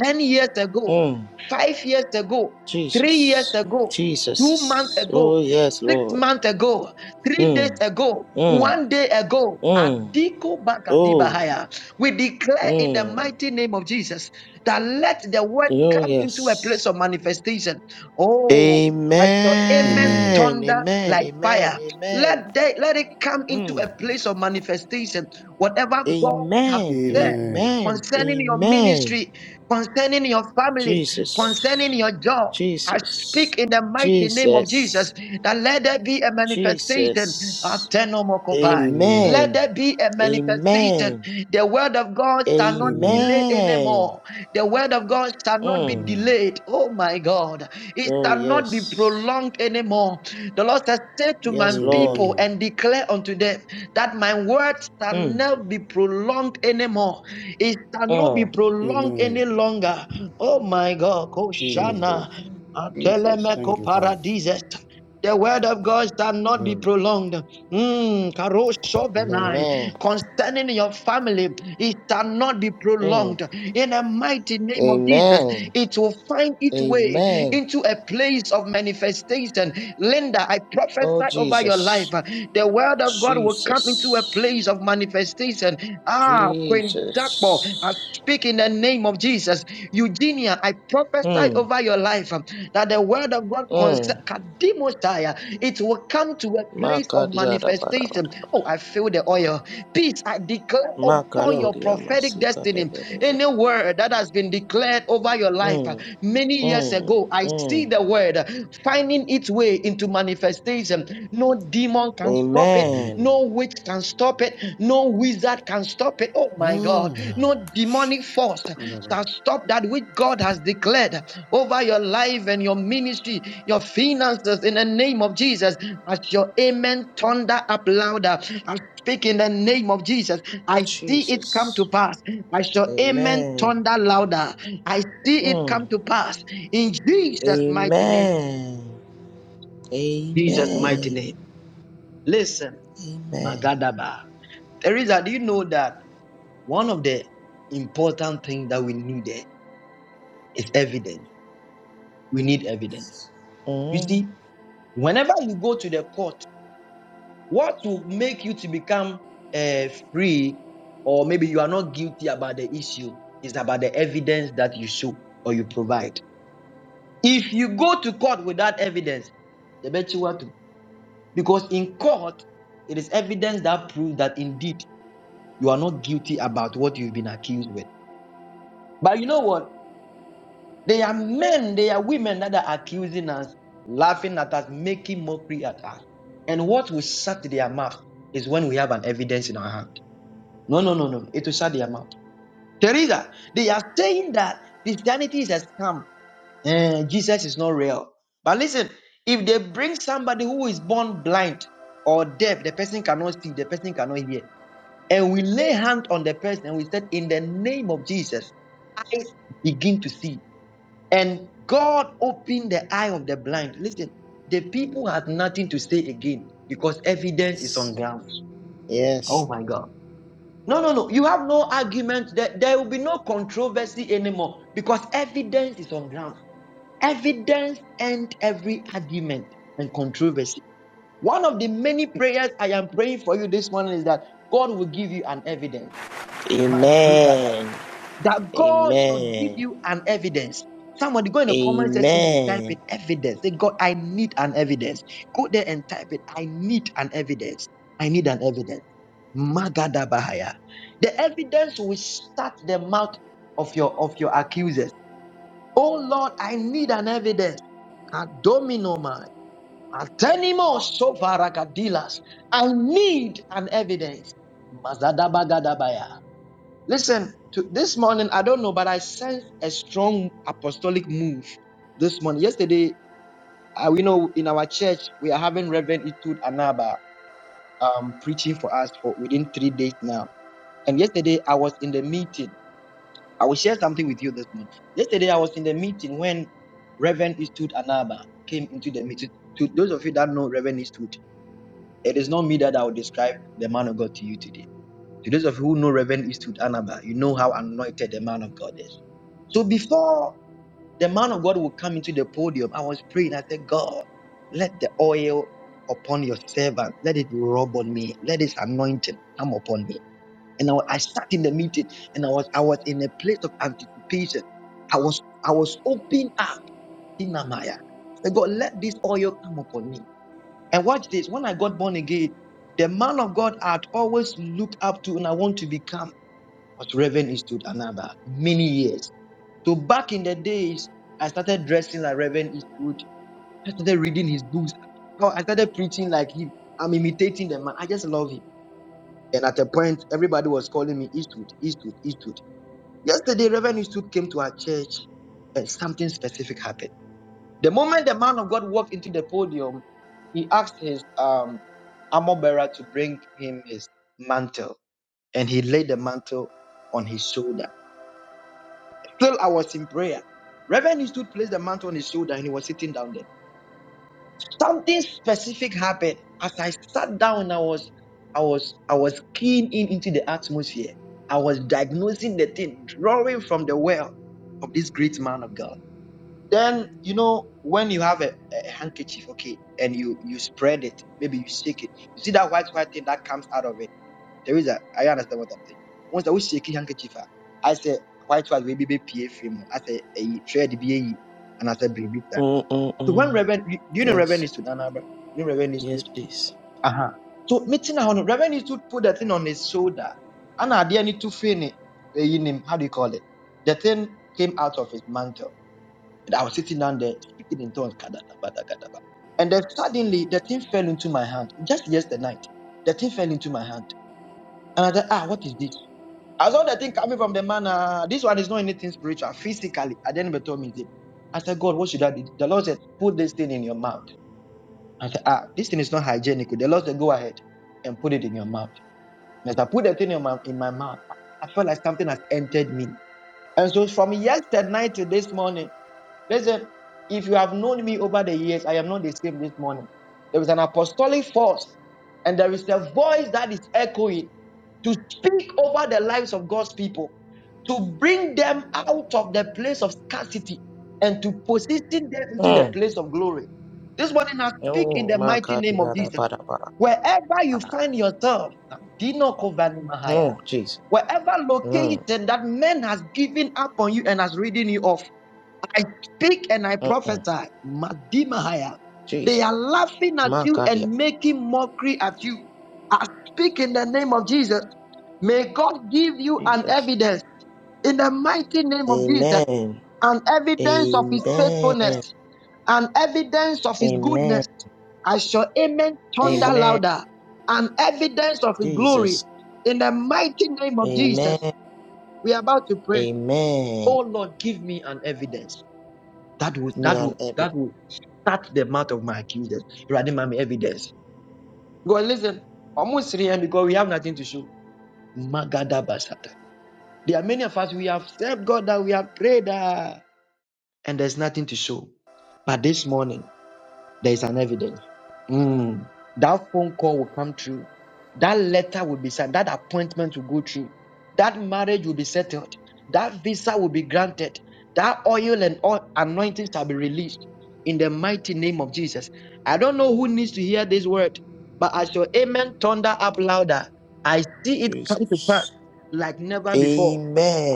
10 years ago,
Mm.
5 years ago, 3 years
Jesus.
ago, 2 months
Jesus.
ago,
Oh, yes,
6
Lord.
months ago, 3 days
Mm,
ago,
mm,
1 day ago,
mm.
Adiko
Oh,
Bakadibahaya. We declare in the
mm.
mighty name of Jesus that let the word
Oh,
come into a
yes.
place of manifestation. Oh, I saw amen
Amen.
Amen.
thunder
Amen.
like
Amen.
fire.
Amen.
Let they, let it come into a
Mm.
place of manifestation. Whatever God have
Amen.
said
Amen.
Amen.
concerning your
Amen.
ministry, concerning your family, concerning
Jesus.
your job. I
Jesus.
speak in the mighty name of Jesus
Jesus.
that let there be a manifestation of
Jesus.
Tenomokovai.
Amen.
Let
Amen.
there be a manifestation.
Amen.
The word of God shall not
Amen.
delay
Amen.
anymore. The word of God shall not be
Mm.
Amen.
delayed. Oh my God. It
Oh,
shall not be
yes.
prolonged anymore. The Lord has said to my
Yes, Lord.
people
Amen.
and declare unto them that my words."
Mm.
not be prolonged anymore. It shall not be
Oh,
prolonged any
Amen.
longer. Oh my God,
Amen.
Jesus.
Koshana,
Jesus.
Thank
Atelemeko
you, Father.
Paradises. The word of God shall not be
Glory.
prolonged. Mm, Karo
Amen.
Shobenai.
Amen.
Concerning your family, it shall not be
Mm.
prolonged. In the mighty name of Jesus,
Amen.
it will find its way
Amen.
into a place of manifestation. Linda, I
Oh,
prophesy over your life.
Jesus.
The word child of God will come into a
Jesus.
place of manifestation. Ah, Queen Jackpot, I
Jesus.
speak in the name of Jesus. Eugenia, I prophesy
Mm.
over your life um, that the word of God
Mm.
concerning Kadimosaya, it will come to a place of
Makadiada bada
manifestation.
bada
Oh,
bada.
I feel the oil. Peace, I declare upon
Yeah.
your
Makadoria
prophetic
masika da
destiny.
da da da.
Any
da.
word that has been declared over your life uh,
Mm.
many years
Mm.
ago, I see
Mm.
the word uh, finding its way into manifestation says, um, No demon can stop it,
Amen.
Amen.
no witch can stop it, no wizard can stop it. Oh my God,
Oh,
no
shh.
demonic force can stop that which God has declared over your life and your ministry, your finances in the name of Jesus. As your amen thunder up louder, I speak in the name of Jesus. I see it come to
Jesus.
pass. As your amen
Amen.
thunder louder, I see it
Mm.
come to pass in Jesus' mighty name.
Amen.
Jesus' mighty
Amen.
name. Listen.
Amen.
Magadaba. Teresa, do you know that one of the important things that we need there is evidence? We need evidence. You
Mm.
see, whenever you go to the court, what will make you to become uh, free, or maybe you are not guilty about the issue, is about the evidence that you show or you provide. If you go to court without evidence, the bet you what to. Because in court, it is evidence that proves that indeed you are not guilty about what you've been accused with. But you know what? There are men, there are women that are accusing us, laughing at us, making mockery at us. And what will shut their mouth is when we have an evidence in our hand. No, no, no, no. It will shut their mouth. Teresa, they are saying that Christianity is a scam. Eh, Jesus is not real. But listen, if they bring somebody who is born blind or deaf, the person cannot see, the person cannot hear, and we lay hand on the person and we said, In the name of Jesus, eyes begin to see and God opened the eye of the blind. Listen, the people had nothing to say again because evidence is on grounds. Oh
Yes.
my God. No, no, no. You have no argument. There, there will be no controversy anymore because evidence is on grounds. Evidence ends every argument and controversy. One of the many prayers I am praying for you this morning is that God will give you an evidence
Amen.
that God should give
Amen.
you an evidence. Somebody go in the comment section and type
Amen.
in evidence. Say, God, I need an evidence. Go there and type it. I need an evidence. I need an evidence. Magada Bahaya. The evidence will start the mouth of your of your accusers. Oh Lord, I need an evidence. Adominomai. Atenimo sovaragadilas. I need an evidence. Mazada Bagadabaya. Listen, to this morning, I don't know, but I sense a strong apostolic move this morning. Yesterday, uh, we know in our church, we are having Reverend Etud Anaba um, preaching for us for within three days now. And yesterday, I was in the meeting. I will share something with you this morning. Yesterday, I was in the meeting when Reverend Etud Anaba came into the meeting. To those of you that know Reverend Etud, it is not me that I will describe the man of God to you today. To those of you who know Reverend Etud Anaba, you know how anointed the man of God is So before the man of God would come into the podium, I was praying. I said, God, let the oil upon your servant, let it rub on me, let his anointing come upon me. And I, I sat in the meeting and I was I was in a place of anticipation. I was I was open up in Amaya. And God, let this oil come upon me. And watch this. When I got born again, the man of God I'd always looked up to and I want to become was Reverend Eastwood Anaba many years. So back in the days, I started dressing like Reverend Eastwood. I started reading his books. Oh, I started preaching like him. I'm imitating the man. I just love him. And at a point, everybody was calling me Eastwood, Eastwood, Eastwood. Yesterday, Reverend Eastwood came to our church and something specific happened. The moment the man of God walked into the podium, he asked his um, armor bearer to bring him his mantle. And he laid the mantle on his shoulder. Still, I was in prayer. Reverend Eastwood placed the mantle on his shoulder and he was sitting down there. Something specific happened. As I sat down, I was I was I was keen in into the atmosphere. I was diagnosing the thing, drawing from the well of this great man of God. Then you know when you have a, a handkerchief, okay, and you you spread it, maybe you shake it. You see that white white thing that comes out of it. There is a I understand what I'm saying. Once I was shaking handkerchief, a, I said white was baby be PA frame. I said a trade BAE and I said bring it down. So when
Mm-mm-mm.
Reverend do you know Reverend
Yes.
is to Nana You know Reverend is
Yes,
to
please.
uh-huh. So meeting on Reverend is to put that thing on his shoulder. And I didn't to fin it. eh, in How do you call it? The thing came out of his mantle. And I was sitting down there speaking in tongues. kadadabada, kadaba. And then suddenly the thing fell into my hand. Just yesterday night, the thing fell into my hand. And I said, ah, what is this? I saw the thing coming from the man. Uh, this one is not anything spiritual, physically. I didn't even told me it. I said, God, what should I do? The Lord said, put this thing in your mouth. I said, ah, this thing is not hygienic. The Lord said, go ahead and put it in your mouth. And as I put the thing in my, in my mouth, I felt like something has entered me. And so from yesterday night to this morning, Listen, if you have known me over the years, I am not the same this morning. There is an apostolic force, and there is a voice that is echoing to speak over the lives of God's people, to bring them out of the place of scarcity and to position them into the
Mm.
place of glory. This morning, I speak in
Oh,
the
my
mighty
God.
name of
Yada,
Jesus.
bada, bada,
Wherever you
bada.
find yourself, Dino Kovani
Oh, Jesus.
wherever
Mm.
location that man has given up on you and has ridden you off. I speak and I
Mm-mm.
prophesy. Madimahaya. They
Jesus.
are laughing at
My
you
God. Yeah.
and making mockery at you. I speak in the name of Jesus. May God give you an
Jesus.
evidence in the mighty name of Jesus,
Amen.
an evidence of his
Amen.
faithfulness, an evidence of his
Amen.
goodness. I shall amen thunder
Amen.
louder, an evidence of his glory.
Jesus.
In the mighty name of Jesus, we are about to pray.
Amen.
Oh Lord, give me an evidence. That will
Me
that will
an
that
evidence,
will shut the mouth of my accusers. Rather than my evidence. God, listen, almost three and because we have nothing to show. Magada Basata. There are many of us we have served God that we have prayed ah, and there's nothing to show. But this morning. There is an evidence. Mm. That phone call will come through. That letter will be signed. That appointment will go through. That marriage will be settled. That visa will be granted. That oil and all anointings shall be released in the mighty name of Jesus. I don't know who needs to hear this word, but as your amen thunder up louder, I see it come to pass
Jesus.
like never before.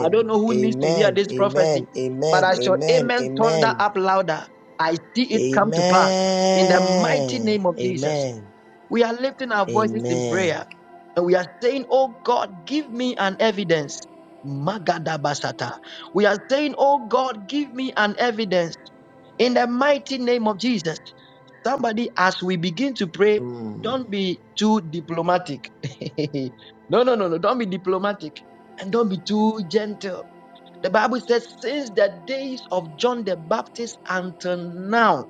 I don't know who needs to hear
Amen.
this prophecy,
Amen.
but
Amen.
I shall
Amen.
amen thunder
Amen.
up louder. I see it come to pass in the mighty
Amen.
name of Jesus.
Amen.
We are lifting our voices in
Amen.
prayer and we are saying, Oh God, give me an evidence. Magadabasata. We are saying, Oh God, give me an evidence in the mighty name of Jesus. Somebody, as we begin to pray,
Hmm.
don't be too diplomatic. no, no, no, no. Don't be diplomatic and don't be too gentle. The Bible says, since the days of John the Baptist until now,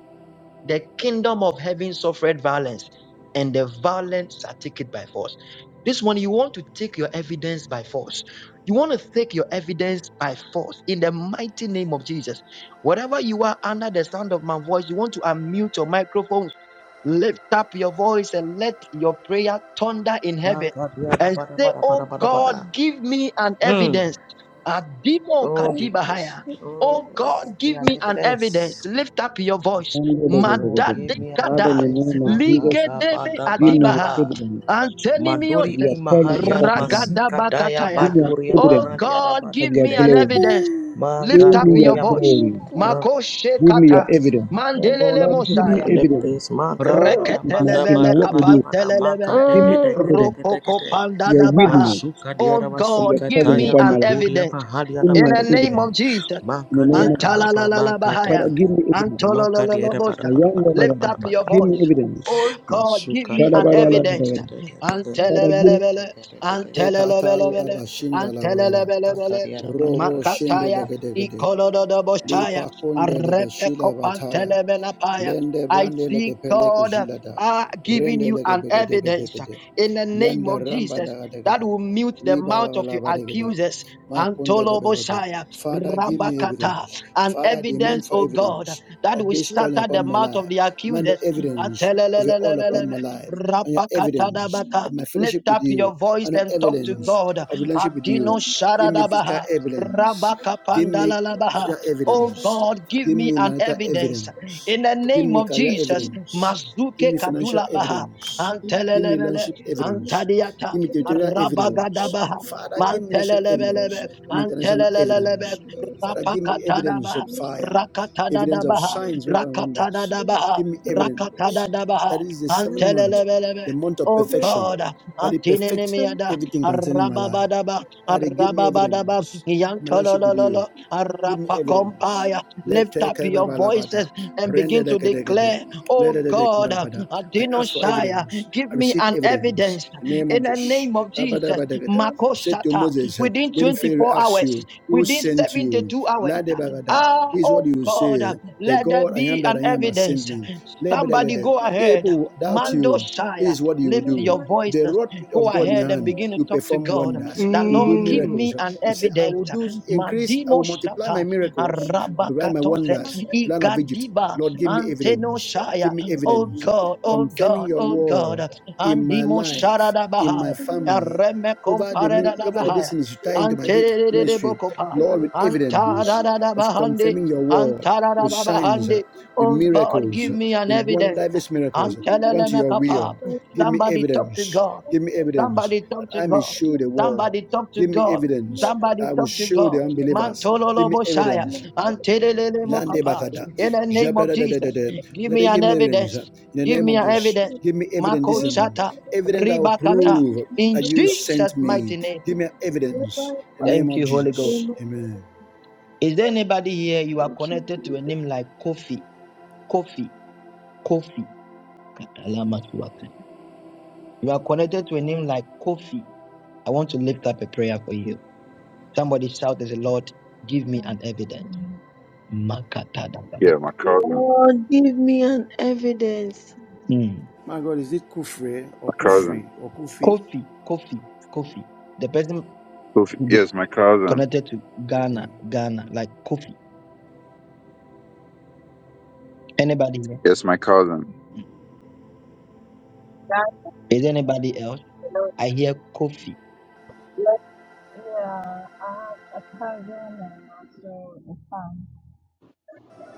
the kingdom of heaven suffered violence, and the violence are taken by force. This one, you want to take your evidence by force. You want to take your evidence by force in the mighty name of Jesus. Whatever you are under the sound of my voice, you want to unmute your microphones, lift up your voice, and let your prayer thunder in
My
heaven
God, yeah, da,
and
ba, da,
say,
ba, da, ba, da,
Oh
ba, da, ba, da.
God, give me an
Hmm.
evidence. Adimo
Oh Jesus.
kadibahaya.
Oh
Oh
God, give
God,
me
give
an
me an evidence.
evidence.
Lift up your voice.
Oh God, give
Madade
me an
Father, in the
evidence.
name
My
of
God,
Jesus,
da, ba,
Ligedebe
da,
give
ba, da,
me an
adibaha.
ba.
evidence of
Maduri
Antenimiose.
your presence upon
imahariara
my life.
basika daya
Give
Ragadabakataya.
me an
baduria
Oh
evidence
mahariara
God,
of
give
your
me an
badegede.
glory.
evidence. Lift
Show
up
me your
your
Magaduria ma.
voice.
glory.
ma-
Makoshe
Give me your
kata.
evidence.
Oh God,
Lord,
we hear
give
me
me
Mandelele
and
evidence
everything is magariada
in my,
bada
in my
Reketelebele
bada
work with
bada
you.
bada
kapantelelebele.
Give me evidence,
magadegedegedegede.
your
Rokokopandadabaha.
witness
Masuka
Oh
diara
of your
God,
basika
give
calling
me
daya
upon
an
my life.
baduria
evidence
Give
mahariara
me
in
an
the name
badegede.
of
evidence.
Jesus.
In the name of
Magadiara
Jesus.
baba
Father,
Mantalalalabahaya.
magadegede.
give me evidence.
Magadiara bada
I am
Antolololobosha.
bada bada
the
bada
Lord.
Lift
bada
up your
bada.
Give me
voice.
evidence.
Oh God, give
Masuka
me an
tiada pada
evidence.
Shalababalabala.
gede gede gede gede
Father, give me.
gede
Antelebelebele,
gede gede gede gede
Ekata
gede
antelebelebele,
laba
gede.
shinda laba gada.
Maka
antelebelebele.
tiada pada
Robo
pasti.
shinde
makataya,
legedegede. Lipa
ikolododobosaya,
kunde lebe shila bataya.
arepekopantelebelapaya.
Lende
I
brande
see
leke peleko
God
jilada.
are giving
Rende
you
leke
an
beke deke deke
evidence uh,
de.
in the name
Yanda
of
ramba
Jesus
daga deke
that
de.
will mute the
Riba
mouth
baba
of your
laba deke de.
Thank
accusers.
Makunde lebeke de.
Antolobosaya,
Father, give me
Rabakata,
evidence.
an
Father, I demand
evidence,
for
oh God,
evidence
that
of
will
this calling
shatter the
upon my
mouth of
life.
the
Demand
accusers.
the evidence of your all upon
Atelelelelelele.
my life and your evidence
Rapakatadabata.
of my fellowship
Lift
with
up your
you
voice
and your
and talk to
evidence
God.
of relationship with you.
Adino
Give me physical
Sharadabaha.
evidence. Give me
Rabakapandalalabaha.
digital
Oh
evidence.
God, give
Give
me
me
an
marital
evidence
evidence.
in the
Give
name
me
of
career
Jesus.
evidence. Give
Mazuke
me financial
Kadulabaha.
evidence. Give me
Antelelele.
relationship evidence.
Antadiata.
Give me territorial evidence.
Rabagadabaha.
Father, give me national evidence.
Mantelelebelebe,
Give me international
antelelelebe,
evidence. Father, give me evidence
rapakatadabaha,
of fire, evidence of
rakatadadabaha,
signs, miracles, and wonders.
rakatadadabaha,
Give me evidence.
rakatadadabaha,
That is the seventh month,
antelelebelebe.
the month of
Oh
perfection.
God,
That it perfect
antininimiada,
everything concerning my life.
arababadaba,
Father, give me
arababadaba,
evidence of my relationship with you.
yantolololo,
Give me evidence.
arapakompaya,
Let
Lift up your
babalabada.
voices and
Rende
begin to
legedegede.
declare, Oh God,
Ledededekurabada. I
Adino
ask for
Shire,
evidence.
give
I
me
receive
an
evidence.
evidence
In the name of
in the
Jesus.
name of Jesus.
Labadabadagada. He said to
Makoshata,
Moses,
within
when Pharaoh
24
asks you,
hours,
who
within
sent
72
you?
hours.
Ladebagada.
Ah,
This is what
oh
you say.
God,
The
let there
God I am
be
that
an
I am has sent
evidence.
me.
Somebody
Lebedegede.
go
If
ahead.
people doubt
Mando
you, this
Shire,
is what you
lift
do.
your
With
voice.
the rod
Go
of God in
ahead
your
and
hand,
begin to
you
talk to
perform
God.
wonders,
The
you do
Lord, give
Mm.
me
miracles,
an
he said, I will
evidence.
do increase, I
Madimo
will multiply my
Shata,
miracles, I'll multiply my wonders,
Arabakatose,
the land of Egypt.
Igadiba,
Lord, give me
Anteno
evidence.
Shire.
Give me
Oh
evidence.
God, oh
Confirming
God,
your
oh God.
word in my
Andimo Shara
life, in my
Dabaha,
family,
Areme
over the mini- over the
Compare
destinies you tie into my de-
Anterere
ministry.
bokopa.
Lord, with evidence
Antarada
of
bahande.
confirming your word, with
Antarada
signs, uh,
bahande.
with
Oh God,
miracles,
give
uh,
me an
with one
evidence.
diverse miracles, uh, according
Antelele
to your
mekapa.
will. Give me
Somebody talk to
evidence.
God.
Give me
you.
evidence
Somebody
that
talk to
I may
God.
show the world.
Somebody talk to
Give me
God.
evidence
Somebody
I will
talk to
show
God.
the unbelievers. Give
Mantololo
me
boshaya.
evidence.
Antelele
Lande
mokapa.
bakada.
In the name
Jabra
of
da. da da da
Jesus,
da.
give
Let
me
them
an
give me evidence. In
evidence.
the
Give
name
me
of
an
Jesus.
evidence.
Give me evidence.
Mako
Listen. Evidence that will
Ribakata.
prove
In
that you sent
Jesus'
me.
mighty name.
Give me evidence. In the name
Thank
of
you, Holy Ghost.
Jesus. Amen.
Is there anybody here you are
Thank you,
connected to a
Jesus.
name like Kofi? Kofi. Kofi. You are connected to a name like Kofi. I want to lift up a prayer for you. Somebody shout as the Lord, give me an evidence. Makata.
Yeah, my cousin.
Lord, give me an evidence.
Hmm.
My God, is it Kufre
My
or
cousin.
Kufri or Kufi?
Kofi, Kofi, Kofi. The person
Who's-
will be
Yes, my cousin.
connected to
Okay.
Ghana, Ghana, like Kofi. Anybody here?
Yes, my cousin.
God,
Is there anybody else?
Lord.
I hear Kofi.
Yeah, I have a cousin and also a son.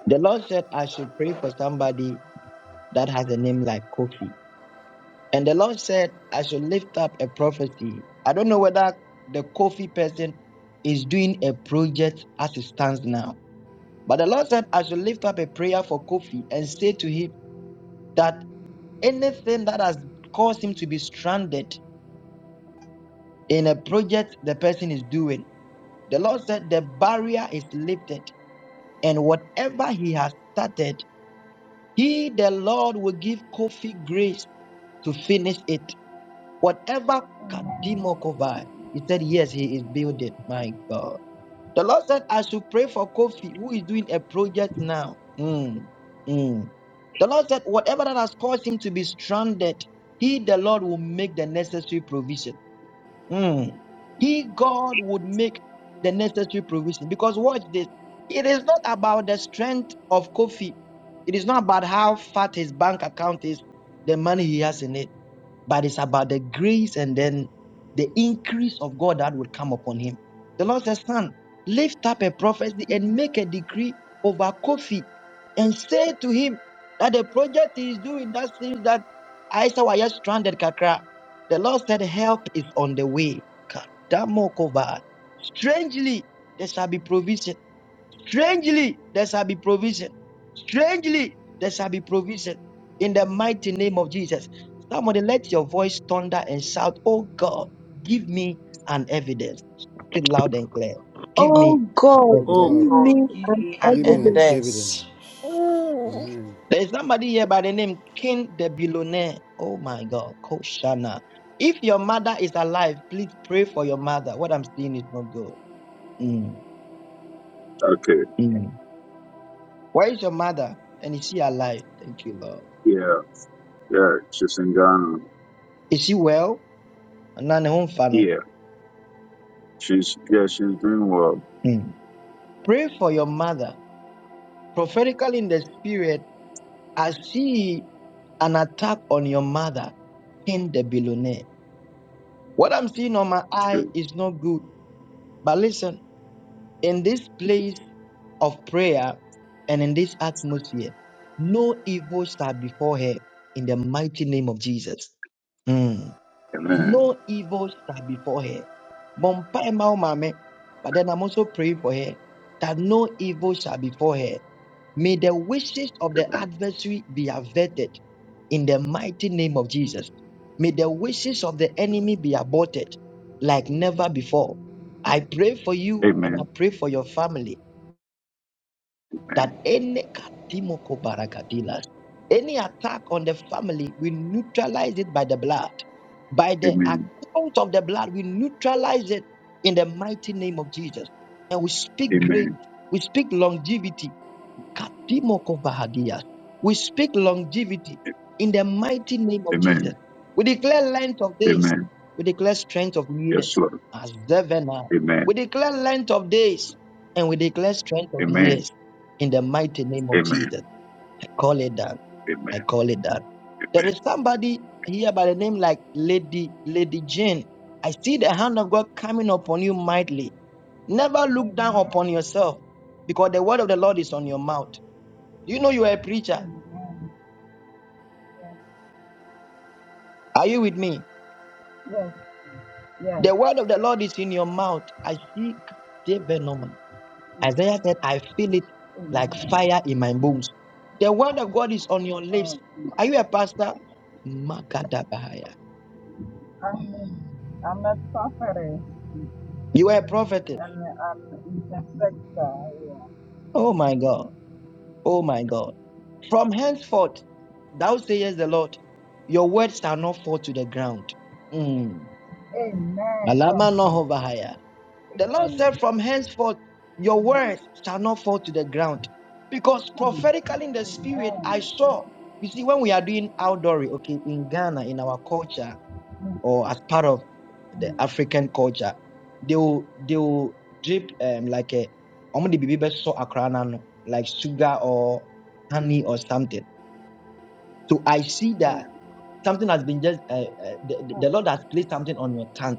The Lord said I should pray for somebody that has a name like Kofi. And the Lord said, I should lift up a prophecy. I don't know whether the Kofi person is doing a project as it stands now. But the Lord said, I should lift up a prayer for Kofi and say to him that anything that has caused him to be stranded in a project the person is doing, the Lord said, the barrier is lifted. And whatever he has started, he, the Lord, will give Kofi grace to finish it. Whatever
Amen.
Kadimo covered, he said, Yes, he is building. My God. The Lord said, I should pray for Kofi, who is doing a project now. Mm, mm. The Lord said, Whatever that has caused him to be stranded, he, the Lord, will make the necessary provision. Mm. He, God, would make the necessary provision. Because watch this. It is not about the strength of Kofi. It is not about how fat his bank account is, the money he has in it but it's about the grace and then the increase of God that will come upon him. The Lord says, Son, lift up a prophecy and make a decree over Kofi and say to him that the project he is doing that seems that I saw. I just stranded, Kakra. The Lord said, Help is on the way. Kadamokova. Strangely, there shall be provision. Strangely, there shall be provision. Strangely, there shall be provision in the mighty name of Jesus. Somebody let your voice thunder and shout, Oh God, give me an evidence. Shout it loud and clear. Give me
Oh
an
God,
Oh
Oh
give
evidence.
God,
God,
me
give
an
me an
give me an
evidence.
evidence.
evidence. Amen.
There is somebody here by the name King the Billionaire. Oh my God, Koshana. If your mother is alive, please pray for your mother. What I'm seeing is not good. Mm,
Okay.
mm. Where is your mother? And is she alive? Thank you, Lord.
Yeah. Yeah. She's in Ghana.
Is she well? nane huu mfano
Yeah. She's yeah, she's doing well.
mm. pray for your mother prophetically in the spirit i see an attack on your mother in the billionaire what i'm seeing on my eye
Okay.
is not good but listen in this place of prayer and in this atmosphere no evil shall befall her in the mighty name of jesus Mm.
Amen.
No evil shall befall her. Bompai Mao Mame. But then I'm also praying for her that no evil shall befall her. May the wishes of the
Amen.
adversary be averted in the mighty name of Jesus. May the wishes of the enemy be aborted like never before. I pray for you and I
Amen.
pray for your family that any kadimoko barakadilas, any attack on the family, we neutralize it by the blood. By the
Amen.
account of the blood, we neutralize it in the mighty name of Jesus. And we speak grace,
Amen.
we speak longevity, Kadimoko Bahagia. We speak longevity in the mighty name of
Amen.
Jesus. We declare length of days.
Amen.
We declare strength of
Yes,
years
Lord.
as Devena.
Amen.
We declare length of days and we declare strength of
Amen.
years in the mighty name of
Amen.
Jesus. I call it that.
Amen.
I call it that. There is somebody here by the name like Lady Lady Jane. I see the hand of God coming upon you mightily. Never look down upon
Amen.
yourself because the word of the Lord is on your mouth. Do you know you are a preacher?
Amen. Yes,
Are you with me?
yes, yes.
The word of the Lord is in your mouth. I speak David Norman. Isaiah said, I feel it like
Amen.
fire in my bones. The word of God is on your
Oh,
lips.
Jesus.
Are you a pastor? Makadabahaya.
I'm, I'm a prophetess
You are a prophetess.
and I'm an intercessor. Yeah.
Oh my God. Oh my God. From henceforth, thou sayest the Lord, your words shall not fall to the ground. Mm.
Amen. Oh,
Alama no
Jesus.
hovahaya. The Lord said,
Amen.
From henceforth, your
Amen.
words shall not fall to the ground. Because
Mm,
prophetically in the spirit, I
Amen.
saw, you see, when we are doing outdooring, okay, in Ghana, in our culture,
Mm,
or as part of
mm,
the African culture, they will, they will drip um, like a, ɔmo de biribi bɛsɔ akra no like sugar or honey or something. So I see that
yeah.
something has been just uh, uh, the,
Oh,
the lord has placed something on your tongue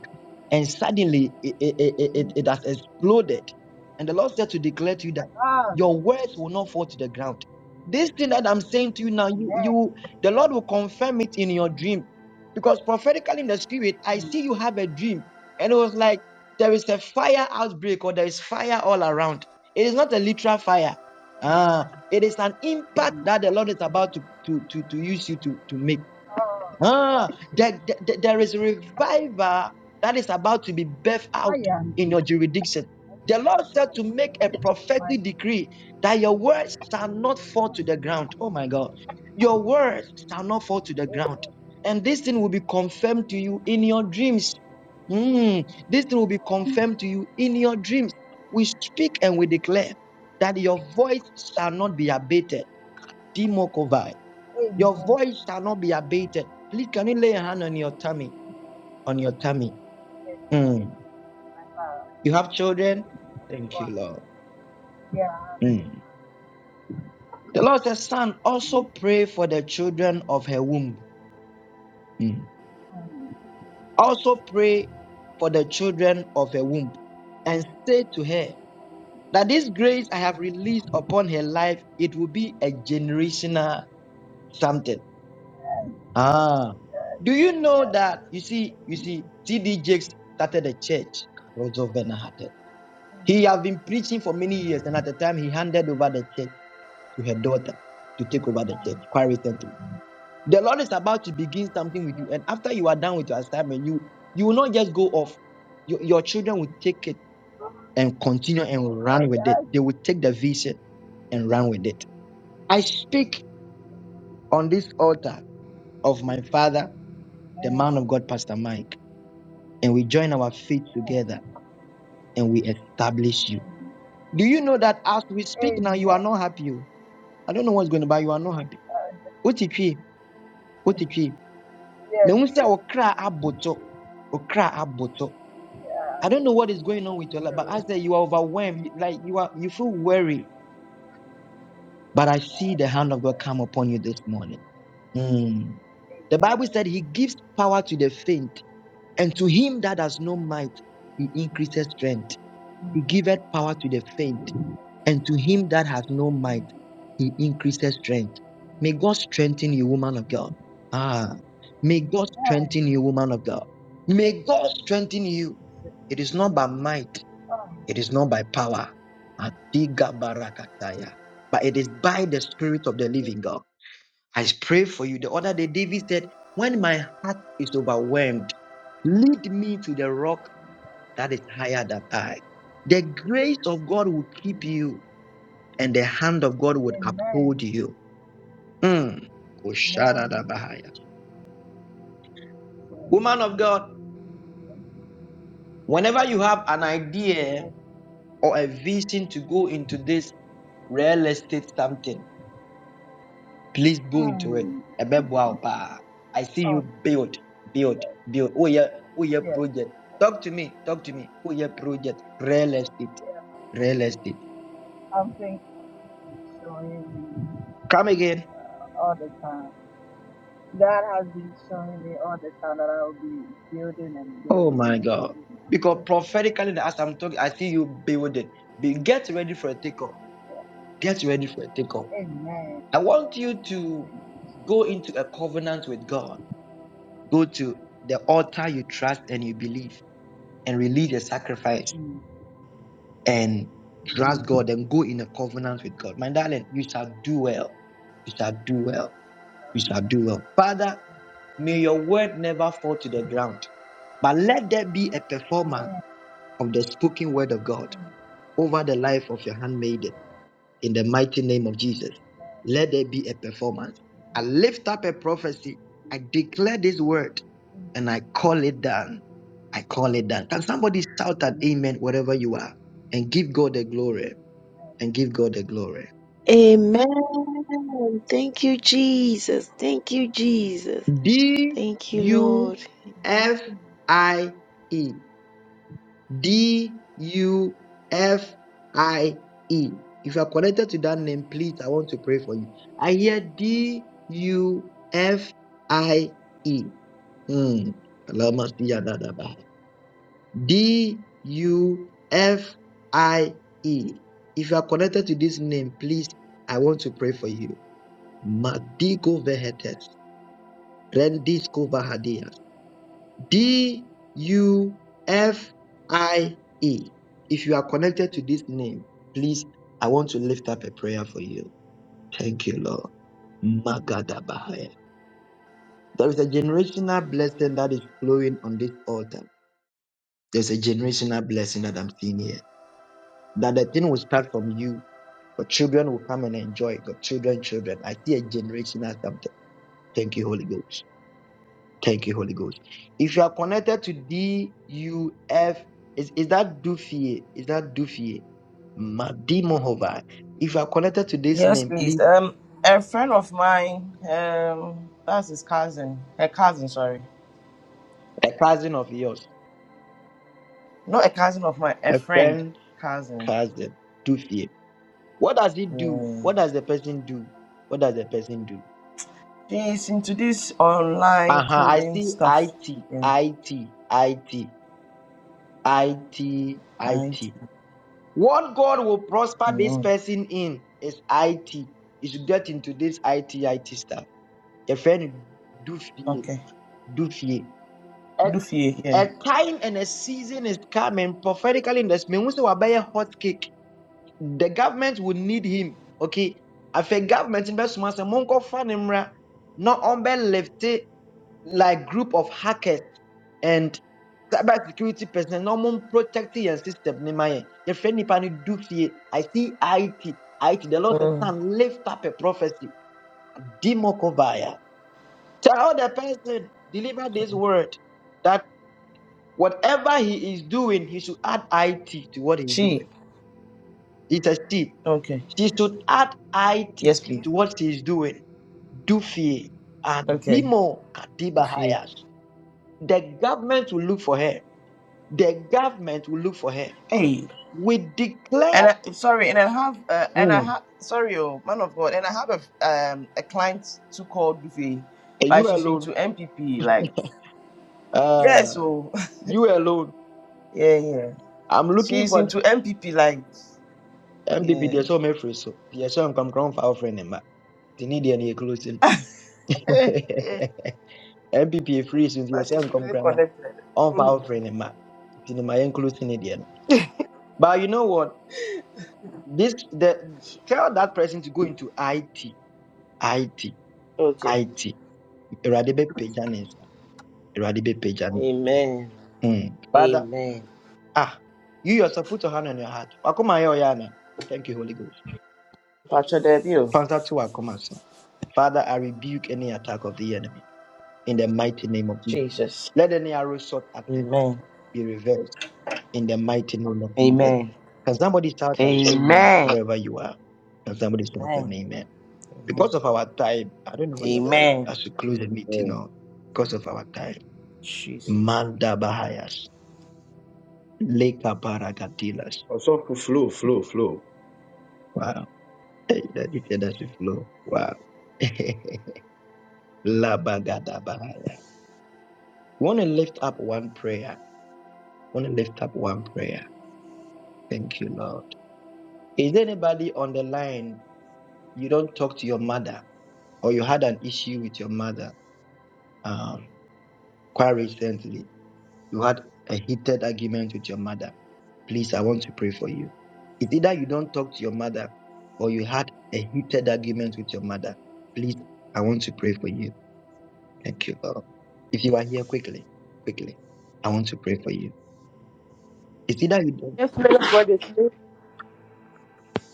and suddenly it, it, it,
Jesus.
it, has exploded and the lord said to declare to you that
Oh,
your words will not fall to the ground this thing that i'm saying to you now you
amen.
you the lord will confirm it in your dream because prophetically in the spirit i
Mm,
see you have a dream and it was like there is a fire outbreak or there is fire all around it is not a literal fire
mm,
ah it is an
mm.
impact that the lord is about to to to, to use you to to make
Oh,
Ah,
oh, Jesus.
there, there there is a revival that is about to be birthed
I
out
am.
in your jurisdiction. The Lord said to make a
My
prophetic decree that your words shall not fall to
God.
the ground. Oh my God. Your words shall not fall to the
Amen.
ground. And this thing will be confirmed to you in your dreams. Mm, this thing will be confirmed to you in your dreams. We speak and we declare that your voice shall not be abated. Your
Amen.
voice shall not be abated. Please, can you lay a hand on your tummy? On your tummy.
Yes, please.
Mm.
Wow.
You have children? Thank
Wow.
you, Lord.
Yeah, hallelujah.
Mm. The Lord says, Son, also
Mm.
pray for the children of her womb. Mm.
Mm.
Also pray for the children of her womb and say to her that this grace I have released upon her life, it will be a generational something. Ah. Do you know that? You see, you see, T.D. Jakes started a church. Roosevelt Benahate.
mm.
He had been preaching for many years, and at the time, he handed over the church to her daughter to take over the church
mm.
quite recently. The Lord is about to begin something with you, and after you are done with your assignment, you you will not just go off. Your, your children will take it and continue and run
Oh,
with it.
yeah,
They will take the vision and run with it. I speak on this altar of my father, the
amen.
man of God, Pastor Mike, and we join our feet together and we establish you.
Mm.
Do you know that as we speak now, you
Amen.
are not happy? oh? I don't know what's going to buy you are not happy. OTP, OTP. Me
Yes,
unsa okra aboto,
okay.
okra aboto.
Yeah,
I don't know what is going on with your life, but I
true.
say you are overwhelmed, like you are, you feel worried. But I see the hand of God come upon you this morning. Hmm. The Bible
Amen.
said He gives power to the faint, and to him that has no might, He increases strength.
Mm.
He giveth power to the faint.
mm,
And to him that has no might,
mm.
he increases strength. May God strengthen you, woman of God. Ah, may God
Amen.
strengthen you, woman of
It
God. May God strengthen you.
is
It is not by might,
um,
it is not by power. Adiga barakataya. But it is by the Spirit of the
the
living God. I pray for you. The other day,
Lord.
David said, When my heart is overwhelmed, lead me to the rock that is higher than I. The grace of God will keep
Mm.
you and the hand of God would
Amen.
uphold you. Mm.
Amen. Yes,
Woman of God, whenever you have an idea
yes.
or a vision to go into this real estate something, please go into it.
Mm.
I see
Oh,
you build, build, build. Oh yeah, oh yeah,
yes,
project. Talk to me, talk to me. Oh yeah, project. Real estate,
yes.
real estate.
Something is showing me
Come again.
all the time. God has been showing me all the time that I will be building and
Oh
building
my
and
God.
building. on
Because
trust.
prophetically, as I'm talking, I see you building. get ready for a takeoff
Yeah.
Get ready for a takeoff.
Amen.
I want you to
Thank you. Jesus.
go into a covenant with God. Go to the altar you trust and you believe and release a sacrifice
Mm.
and trust
Amen.
God and go in a covenant with God. My darling, you shall do well. You shall do well. You shall do well. Father, may your word never fall to the ground, but let there be a performance
Amen.
of the spoken word of God
Mm.
over the life of your handmaiden.
Amen.
in the mighty name of Jesus. Let there be a performance. I lift up a prophecy. I declare this word
Mm.
and I call it down. I call it down. Can somebody shout an
Mm.
amen wherever you are and give God the glory and give God the glory?
Amen. Thank you, Jesus. Thank you, Jesus.
D
Thank you,
U
Lord.
F I E. D U F I E. If you are connected to that name, please, I want to pray for you. I hear D U F I E. Hmm. Lama siya da ba. D U F I E. If you are connected to this name, please, I want to pray for you. Madigo vehetes. Rendis D U F I E. If you are connected to this name, please, I want to lift up a prayer for you. Thank you, Lord. Magadabahaya. There is a generational blessing that is flowing on this altar. There's a generational blessing that I'm seeing here. That the thing will start from you. Your children will come and enjoy it. Your children, children. I see a generational something. Thank you, Holy Ghost. Thank you, Holy Ghost. If you are connected to DUF, is, is that Dufie? Is that Dufie? Madimohova. If you are connected to this
Yes,
name,
please.
please,
Um, a friend of mine, um, that's his cousin. Her cousin, sorry,
a cousin of yours,
not a cousin of mine, a
a
friend,
friend,
cousin.
cousin, Dufie. What does it do?
Yeah,
What does the person do? What does the person do?
she's into this
Uh
online
huh. I
clothing
see
stuff.
IT,
Yeah,
IT, IT, IT,
I.
IT. What God will prosper this
Mm,
person in is IT. You should get into this I T I T stuff. The friend do no
okay,
do dufie a
Luffy. Yeah.
a time and a season is coming prophetically in this, the mehu buy a hot cake the government will need him okay If a government in no bɛsoma sɛ monkɔfa ne mmra na ɔmbɛlifte like group of hackers and cyber security personnel na ɔmo protecting your system ne ma friend yɛfrɛ nipa no dufie i see it it the lord said
Mm.
son lift up a prophecy di mɔkɔ Tell the person, deliver this word that whatever he is doing, he should add IT to what he's
She.
doing. It's a sheep.
Okay.
She should add IT
Yes, please.
to what she is doing. Dufie and
Okay.
Dimo Katiba
Luffy.
Hayas. The government will look for her. The government will look for her.
Hey,
We declare
and I, sorry, and I have, uh, and I
Hmm.
have, sorry, oh man of God, and I have a um a client too called Dufe,
Eh,
but
you
she's
alone.
into MPP, like
Uh,
yes, oh,
you alone.
yeah, yeah,
I'm looking
she's
for
into MPP, like
MBB.
yeah,
There's so many friends. so. There's some come from our friend. They need any closing. MPP free since you
but
yourself
she's
come
really
grammar
connected.
on power
Mm.
training ma in my including Indian. But you know what? This the tell that person to go into IT, IT,
Okay.
IT. Eradibe pajanis, eradibe pajan.
Amen.
Hmm. Father,
Amen.
ah, you yourself put your hand on your heart. Wakoma yo yana. Thank you, Holy Ghost.
Pacho Debio.
Pastor to Wakoma son. Father, I rebuke any attack of the enemy in the mighty name of Jesus.
Jesus.
Let any arrow shot at the heart
Amen.
be reversed in the mighty name of Jesus.
Amen.
Can somebody shout an amen
Amen.
wherever you are? Can somebody shout an
Amen.
amen?
Amen.
Because of our time, I don't know whether
Amen.
Amen.
I should close the meeting
Amen.
or because of our time.
Jeez.
Amen.
Manda Bahayas, Leka Baragadilas.
Also, flow, flow, flow.
Wow. Hey, that is that's the flow. Wow. Labagada Bahaya. Want to lift up one prayer. Want to lift up one prayer. Thank you, Lord. Is there anybody on the line? You don't talk to your mother, or you had an issue with your mother um, quite recently you had a heated argument with your mother. Please, I want to pray for you. It's either you don't talk to your mother or you had a heated argument with your mother. Please, I want to pray for you. Thank you, Lord. If you are here quickly, quickly, I want to pray for you. It's either you don't.
Yes, man of God, it's me.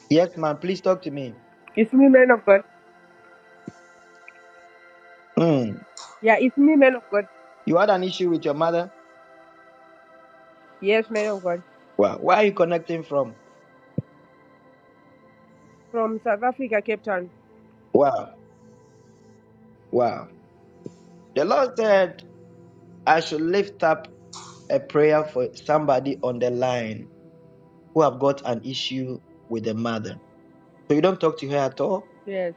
Yes, ma'am, please talk to me.
It's me, man of God.
Hmm.
Yeah, it's me, man of God.
You had an issue with your mother?
Yes, man of God.
Wow. Where are you connecting from?
From South Africa, Cape Town.
Wow. Wow. The Lord said I should lift up a prayer for somebody on the line who have got an issue with the mother. So you don't talk to her at all?
Yes.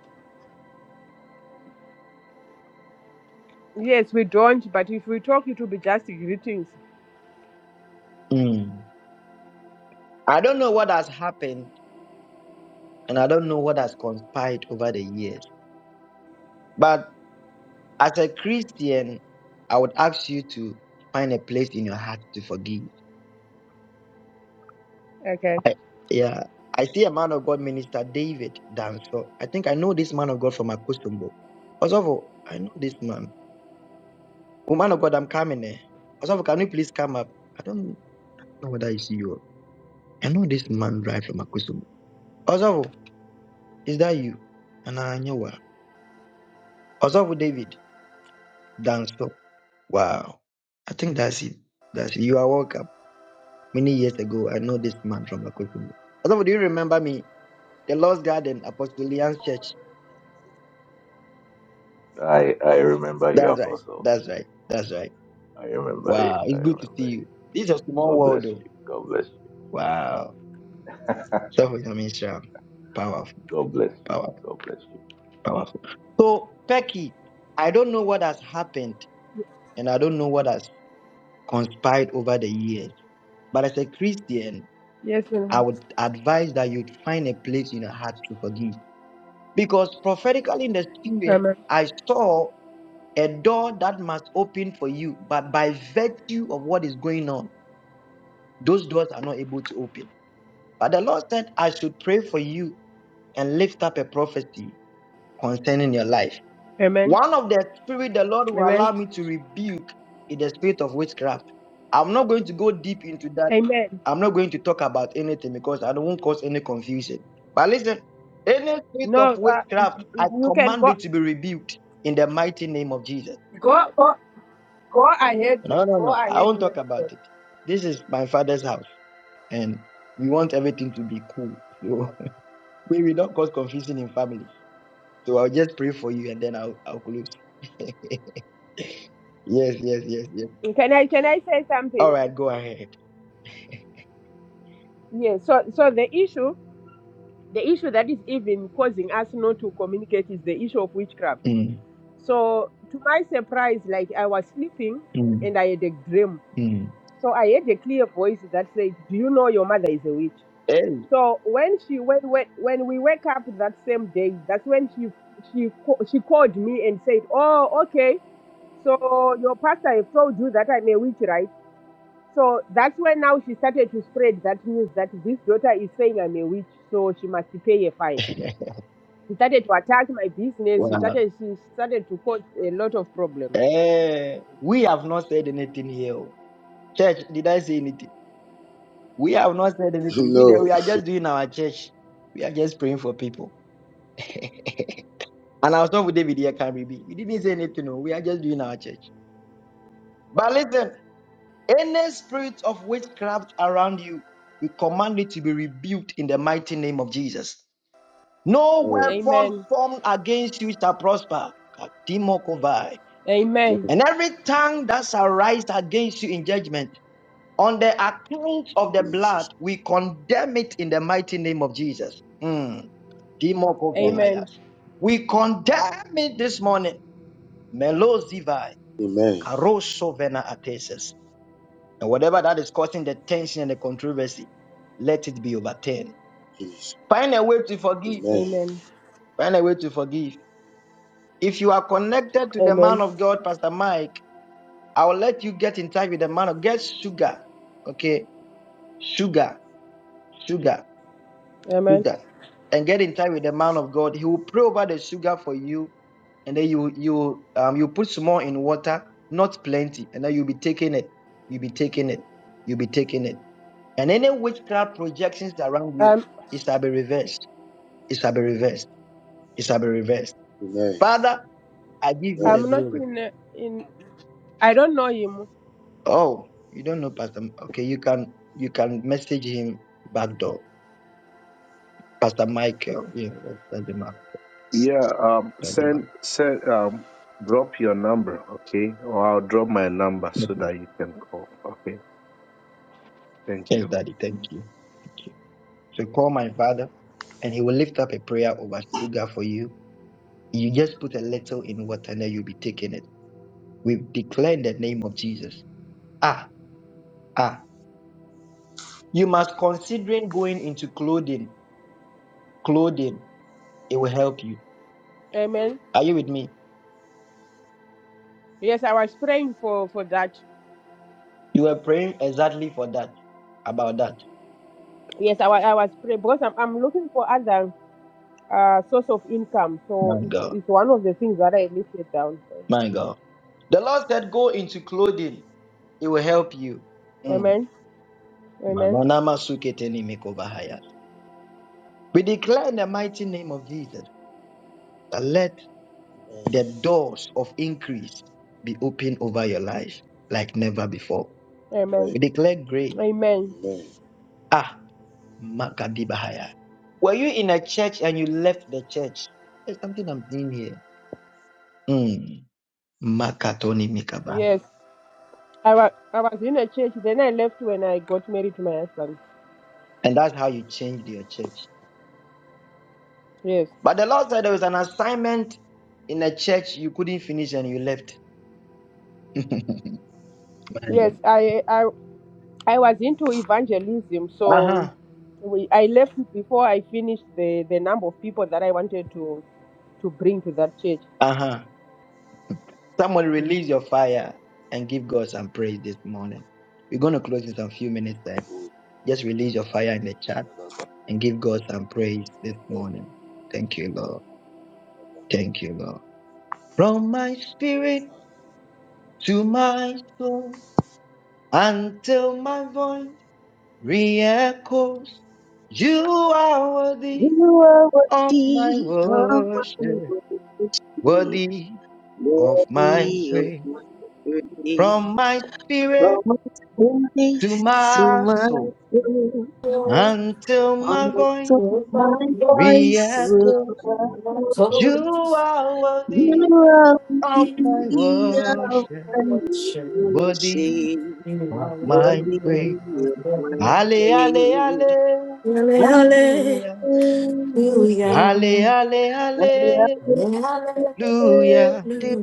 Yes, we don't, but if we talk, it will be just greetings.
Hmm. I don't know what has happened and I don't know what has conspired over the years. But as a Christian, I would ask you to find a place in your heart to forgive.
Okay.
I, yeah. I see a man of God, Minister David Danso. I think I know this man of God from Akosombo. Also, I know this man. Woman of God, I'm coming there. Osofo, can you please come up? I don't know whether it's you. I know this man right from Akusumu. Osofo, is that you? And I know what. Osofo David, dance up. Wow. I think that's it. That's it. You are welcome. Many years ago, I know this man from Akusumu. Osofo, do you remember me? The Lost Garden, Apostolian Church.
I I remember you,
That's right.
Apostle.
That's right. That's right.
I remember you.
Wow.
I
It's good to see
remember you.
you. This is a small
God
world,
bless
though.
you. God bless you.
Wow. Osofo, I mean, powerful,
God bless you.
powerful.
God bless you.
Powerful. So, Becky, I don't know what has happened and I don't know what has conspired over the years, but as a Christian,
Yes, man. of
I
God.
would advise that you find a place in your heart to forgive. Because prophetically in the spirit,
Amen.
I saw a door that must open for you, but by virtue of what is going on, those doors are not able to open. But the Lord said, I should pray for you and lift up a prophecy concerning your life.
Amen.
One of the spirit the Lord will
Amen.
allow me to rebuke is the spirit of witchcraft. I'm not going to go deep into that.
Amen.
I'm not going to talk about anything because I don't want to cause any confusion. But listen, any spirit of
No, uh,
witchcraft, I
you can
command
go,
it to be rebuked in the mighty name of Jesus.
go, go, go ahead,
No, no,
go
no. I
ahead,
won't
man
talk
of
about it.
God.
This is my father's house, and we want everything to be cool. So we will not cause confusion in family. So I'll just pray for you and then I'll, I'll close. Yes, yes, yes, yes.
Can I, can I say
All
something?
right, go ahead.
Yes. So, so the issue, the issue that is even causing us not to communicate is the issue of witchcraft.
Mm,
So to my surprise, like I was sleeping
mm,
and I had a dream.
mm.
So I heard a clear voice that said, "Do you know your mother is a witch?"
Hey,
So when she when when, when we wake up that same day, that's when she she ca- she called me and said, "Oh, okay. So your pastor have told you that I'm a witch, right?" So that's when now she started to spread that news that this daughter is saying I'm a witch, so she must pay a fine. She started to attack my business. She
wow.
started she started to cause a lot of problems.
Hey. we have not said anything here. oh. Church, did I say anything? We have not said anything. We,
No.
we are just doing our church. We are just praying for people. And I'll start with David here, can we be? We didn't say anything, no. We are just doing our church. But listen, any spirit of witchcraft around you, we command it to be rebuked in the mighty name of Jesus. No
Amen.
weapon
Amen.
formed against you shall prosper. Kadimo
Amen.
Amen.
And every tongue that shall rise against you in judgment, on the account of the
Jesus.
blood, we condemn it in the mighty name of Jesus. Mm.
Amen.
Amen.
We condemn it this morning. Melozivai,
Amen.
karosovena ateses. And whatever that is causing the tension and the controversy, let it be overturned.
Jesus.
Find a way to forgive.
Amen.
Amen.
Find a way to forgive. If you are connected to the man
Amen.
of God, Pastor Mike, I will let you get in touch with the man of get sugar, okay, sugar, sugar,
Amen.
sugar, and get in touch with the man of God. He will pray over the sugar for you, and then you you um you put some more in water, not plenty, and then you'll be taking it, you'll be taking it, you'll be taking it, and any witchcraft projections around you,
Um,
it shall be reversed, it shall be reversed, it shall be reversed.
Amen.
Father, I give you the
Amen.
I'm not
glory.
in. uh, In I don't know him.
Oh, you don't know, Pastor? Okay, you can you can message him back door Pastor Michael. Yeah, that- that's the man.
Yeah, um,
That's the
send
man.
send um, drop your number, okay? Or I'll drop my number so
Okay.
that you can call. Okay, thank
Yes,
you.
Daddy. Thank you. Thank you. So call my father, and he will lift up a prayer over sugar for you. You just put a little in water, and then you'll be taking it. We declare in the name of Jesus. Ah, ah. You must considering going into clothing. Clothing. It will help you.
Amen.
Are you with me?
Yes, I was praying for for that.
You were praying exactly for that. About that.
Yes, I, wa- I was praying because I'm I'm looking for other uh source of income. So
My
it's
God.
it's one of the things that I listed down.
My God. The Lord said, Go into clothing, it will help you. Mm.
Amen. Amen.
We declare in the mighty name of Jesus that let
Amen.
the doors of increase be open over your life like never before.
Amen.
Amen.
We declare grace.
Amen.
Amen.
Amen. Amen. Amen.
Ah, Makadibahaya. Were you in a church and you left the church? There's something I'm doing here. Mm. Makatoni Mikaba.
Yes. I was I was in a church. Then I left when I got married to my husband.
And that's how you changed your church.
Yes.
But the Lord said there was an assignment in a church you couldn't finish and you left. uh
Yes. I I I was into evangelism, so
huh.
we, I left before I finished the, the number of people that I wanted to, to bring to that church.
Uh huh. Someone
Mm.
release your fire and give God some praise this morning. We're going to close in some few minutes time. Just release your fire in the chat
Amen.
and give God some praise this morning. Thank you, Lord. Thank you, Lord. From my spirit to my soul until my voice re-echoes, you are worthy
You are
of my
worthy. How
worship,
wonderful
worthy of my
Worthy, of
praise.
My worthy,
From my spirit
promise
to
grace to
my
my
soul
soul.
Hallelujah.
Until my voice
Also my voice will
re-echoes,
echo.
you
Hallelujah.
are
You
worthy
are
of my
worthy of
worship,
my
Worship.
worthy
worship,
of my
worthy
Hallelujah.
praise.
of my
Ale, ale,
praise.
hallelujah. Ale, ale,
Hallelujah,
hallelujah.
Hallelujah.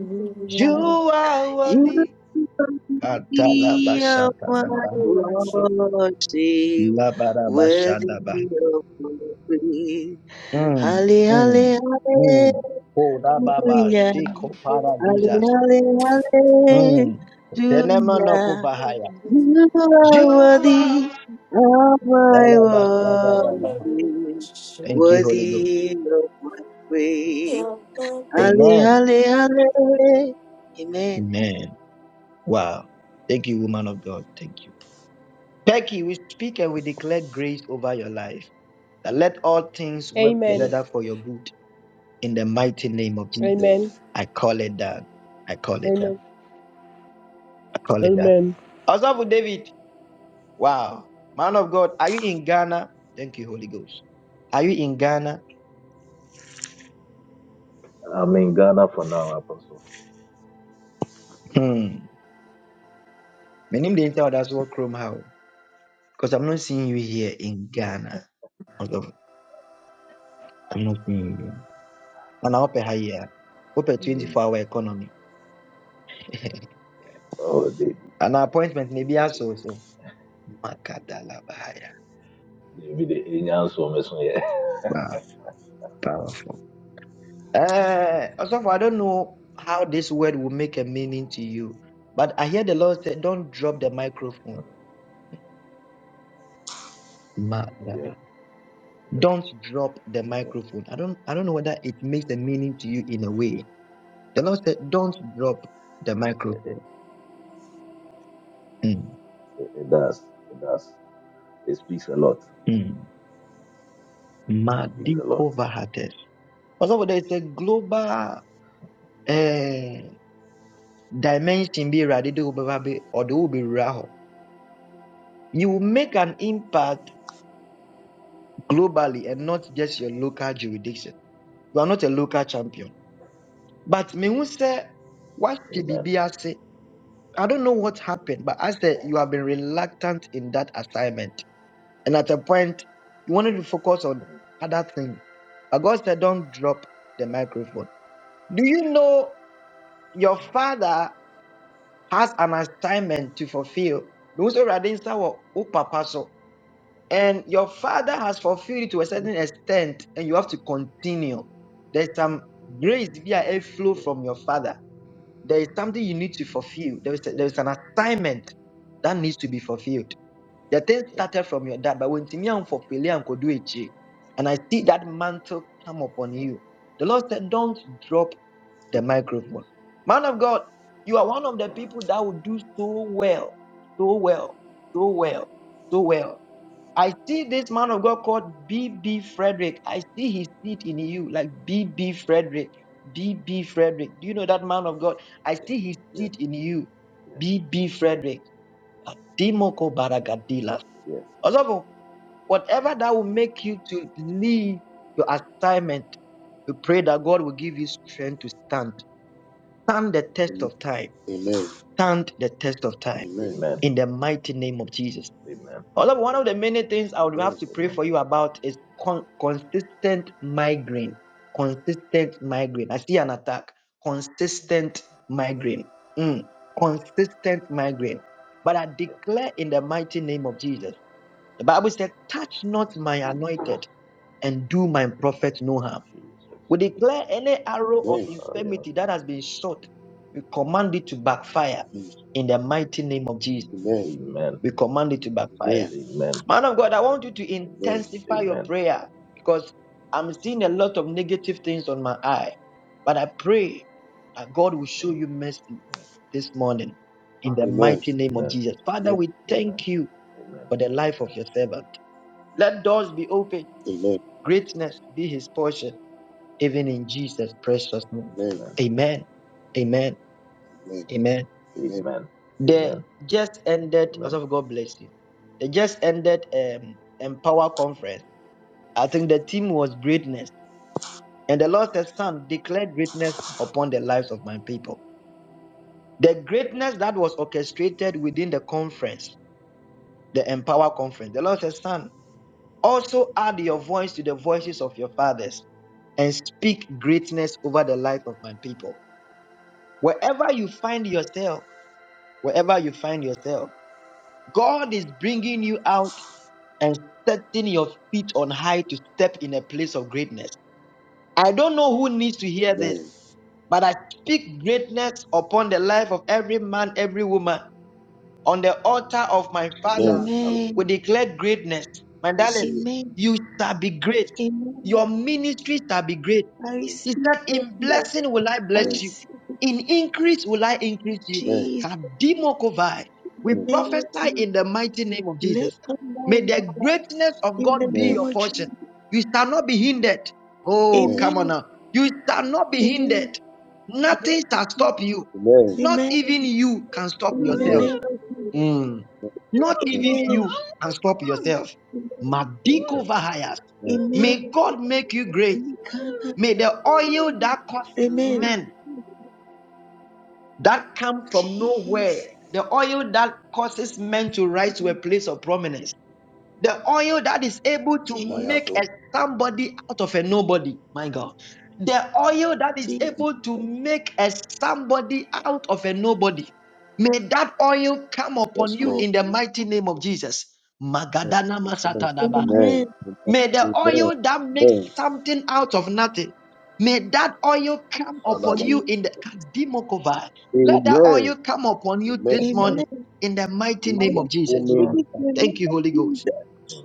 You are
You
worthy.
worthy of my
Atalabashakadaba,
Worship.
worship,
labarabashadaba.
worthy of my praise.
Mm,
Halle,
mm,
halle,
mm. Kodababa,
hallelujah, halle,
shikoparadisas.
halle,
Mm. Tenemano
hallelujah.
kuvahaya.
You
You
are
are
worthy of my
Walabashadabamaha.
worship,
Thank you, Holy Ghost.
worthy of my praise. Halle,
Amen.
halle, halle. Amen.
Amen. Wow. Thank you, woman of God. Thank you. Becky, we speak and we declare grace over your life. That let all things work
Amen.
together for your good in the mighty name of Jesus.
Amen.
I call it that. I call it that.
Amen.
I call it that.
Amen.
Also, for David, wow. Man of God, are you in Ghana? Thank you, Holy Ghost. Are you in Ghana?
I'm in Ghana for now, Apostle.
Hmm. My name didn't tell that's what Chrome how. Because I'm not seeing you here in Ghana. Although I'm not seeing you. here. And I hope I here. Hope a
Mm.
24 hour economy.
Oh, David,
And our appointment may be
David,
also so. Makadala Bahaya.
David, the angels for me, so yeah.
Wow, powerful. Uh, also, I don't know how this word will make a meaning to you, but I hear the Lord say, "Don't drop the microphone."
Mm. yeah, yeah,
Don't drop the
yeah.
microphone. I don't. I don't know whether it makes a meaning to you in a way. The Lord said, "Don't drop the
It, it,
microphone." Mm.
it it does. It does. It speaks a lot.
Mm.
It speaks a lot.
Madiko Vahates. Also, there is a global eh, dimension be ready to be or they will be raho. You will make an impact globally and not just your local jurisdiction. You are not a local champion. But me who say what should be
Amen.
say? I don't know what happened, but I said you have been reluctant in that assignment. And at a point, you wanted to focus on
Mm.
other things. But God said, don't drop the microphone. Do you know? your
Mm.
father has an assignment to fulfill. Because already papa so. And your father has fulfilled it to a
Yeah,
certain extent, and you have to continue. There's some grace via a flow
yeah,
from your father. There is something you need to fulfill. There is, a,
yeah,
there is an
yeah,
assignment that needs to be fulfilled. The thing
yeah,
started from your dad, but when Timian
yeah,
fulfill it, and I see that mantle come upon
Mm.
you. The Lord said, Don't drop the microphone. Man of God, you are one of the people that will do so well, so well, so well, so well. I see this man of God called B B Frederick. I see his seed in you, like B B Frederick. B B Frederick. Do you know that man of God? I
yeah, yeah,
see his
yeah,
seed in
yeah,
you. B B
yeah.
Frederick. Adimoko Baragadila.
yeah.
Osofo, Whatever that will make you to leave your assignment, we pray that God will give you strength to stand stand the test of time.
Amen.
Stand the test of
Amen.
time
Amen.
Amen.
in the mighty name of Jesus.
Amen.
Although one of the
Amen.
many things I would have to pray
Amen.
for you about is con- consistent migraine. Consistent migraine. I see an attack. Consistent migraine. Mm. Consistent migraine.
Yeah,
But I
yeah.
declare in the mighty name of Jesus. The Bible said, Touch not my
Jesus,
anointed and do my prophet no harm.
Jesus.
We declare any arrow of
Oh, yeah.
infirmity that has been shot, we command it to backfire
Jesus.
in the mighty name of Jesus.
Amen.
Amen.
We command it to backfire.
Amen.
Man of God, I want you to
Amen.
intensify your
Amen.
prayer because I'm seeing a lot of negative things on my eye. But I pray that God will show
Mm,
you mercy
mm.
this morning in the
Amen.
mighty name of
Amen.
Jesus. Father, we
Amen.
thank you
Amen.
for the life of
Amen.
your servant. Let doors be open,
Amen. Amen. Amen.
greatness be his portion even in Jesus' precious name.
Amen.
Amen.
Amen. Amen. Amen.
Amen.
Amen. Amen.
Amen.
They
Amen.
just ended,
Amen.
also God bless you. They just ended um empower conference. I think the theme was greatness. And the Lord said, Son, declare greatness upon the lives of my people. The greatness that was orchestrated within the conference, the empower conference, the Lord said, Son, also add your voice to the voices of your fathers and speak greatness over the life of my people. Wherever you find yourself, wherever you find yourself. God is bringing you out and setting your feet on high to step in a place of greatness. I don't know who needs to hear this,
Amen.
but I speak greatness upon the life of every man, every woman. On the altar of my
Amen. Amen.
father,
I
we
Amen.
declare greatness. My darling,
receive it.
Amen.
you shall be
I
great.
Amen.
Your ministry shall be great.
I
receive it.
He
receive
said, In
you.
blessing will I
I
bless you,
receive
in increase will I increase you.
Amen.
Jesus
Kadimokovai.
in
We
Amen.
the name of
prophesy
Jesus.
in the mighty name of
Let
Jesus.
come
May
down
the
Baba,
greatness of
in the
God be
Amen.
name
your
of Jesus.
portion. You shall not be hindered. Oh,
Amen.
come on
Amen.
now. You shall not be
Amen.
hindered. Nothing shall stop you.
Amen.
Not
Amen.
even you can stop
In the
yourself.
Amen.
name of
Mm. Not
Amen.
even
Jesus.
you can stop yourself.
Amen.
Madiko Vahayas.
Amen.
Amen.
Amen.
May God make you great. May the oil that causes
Amen.
men that come from
Jesus.
nowhere, the oil that causes men to rise to a place of prominence, the oil that is able to
My heart
Jesus.
make
on
a somebody out of a nobody, my God. The oil that is
Jesus.
deep.
able to make a somebody out of a nobody. May that oil come upon
Yes,
you
Lord.
in the mighty name of Jesus.
Amen.
Magadana
Amen.
Masatana Bahaya.
Amen.
Amen.
May the
Amen.
oil that makes
Amen.
something out of nothing, may that oil come upon
Salaba.
you
Jesus.
in the Kadimokovai. Let that oil
Amen.
come upon you
Amen.
this
Amen.
Amen.
morning in the mighty
I
name
Hallelujah.
receive
of Jesus.
it
Amen.
in
Amen.
the name
Thank you,
of
Holy Ghost.
Jesus.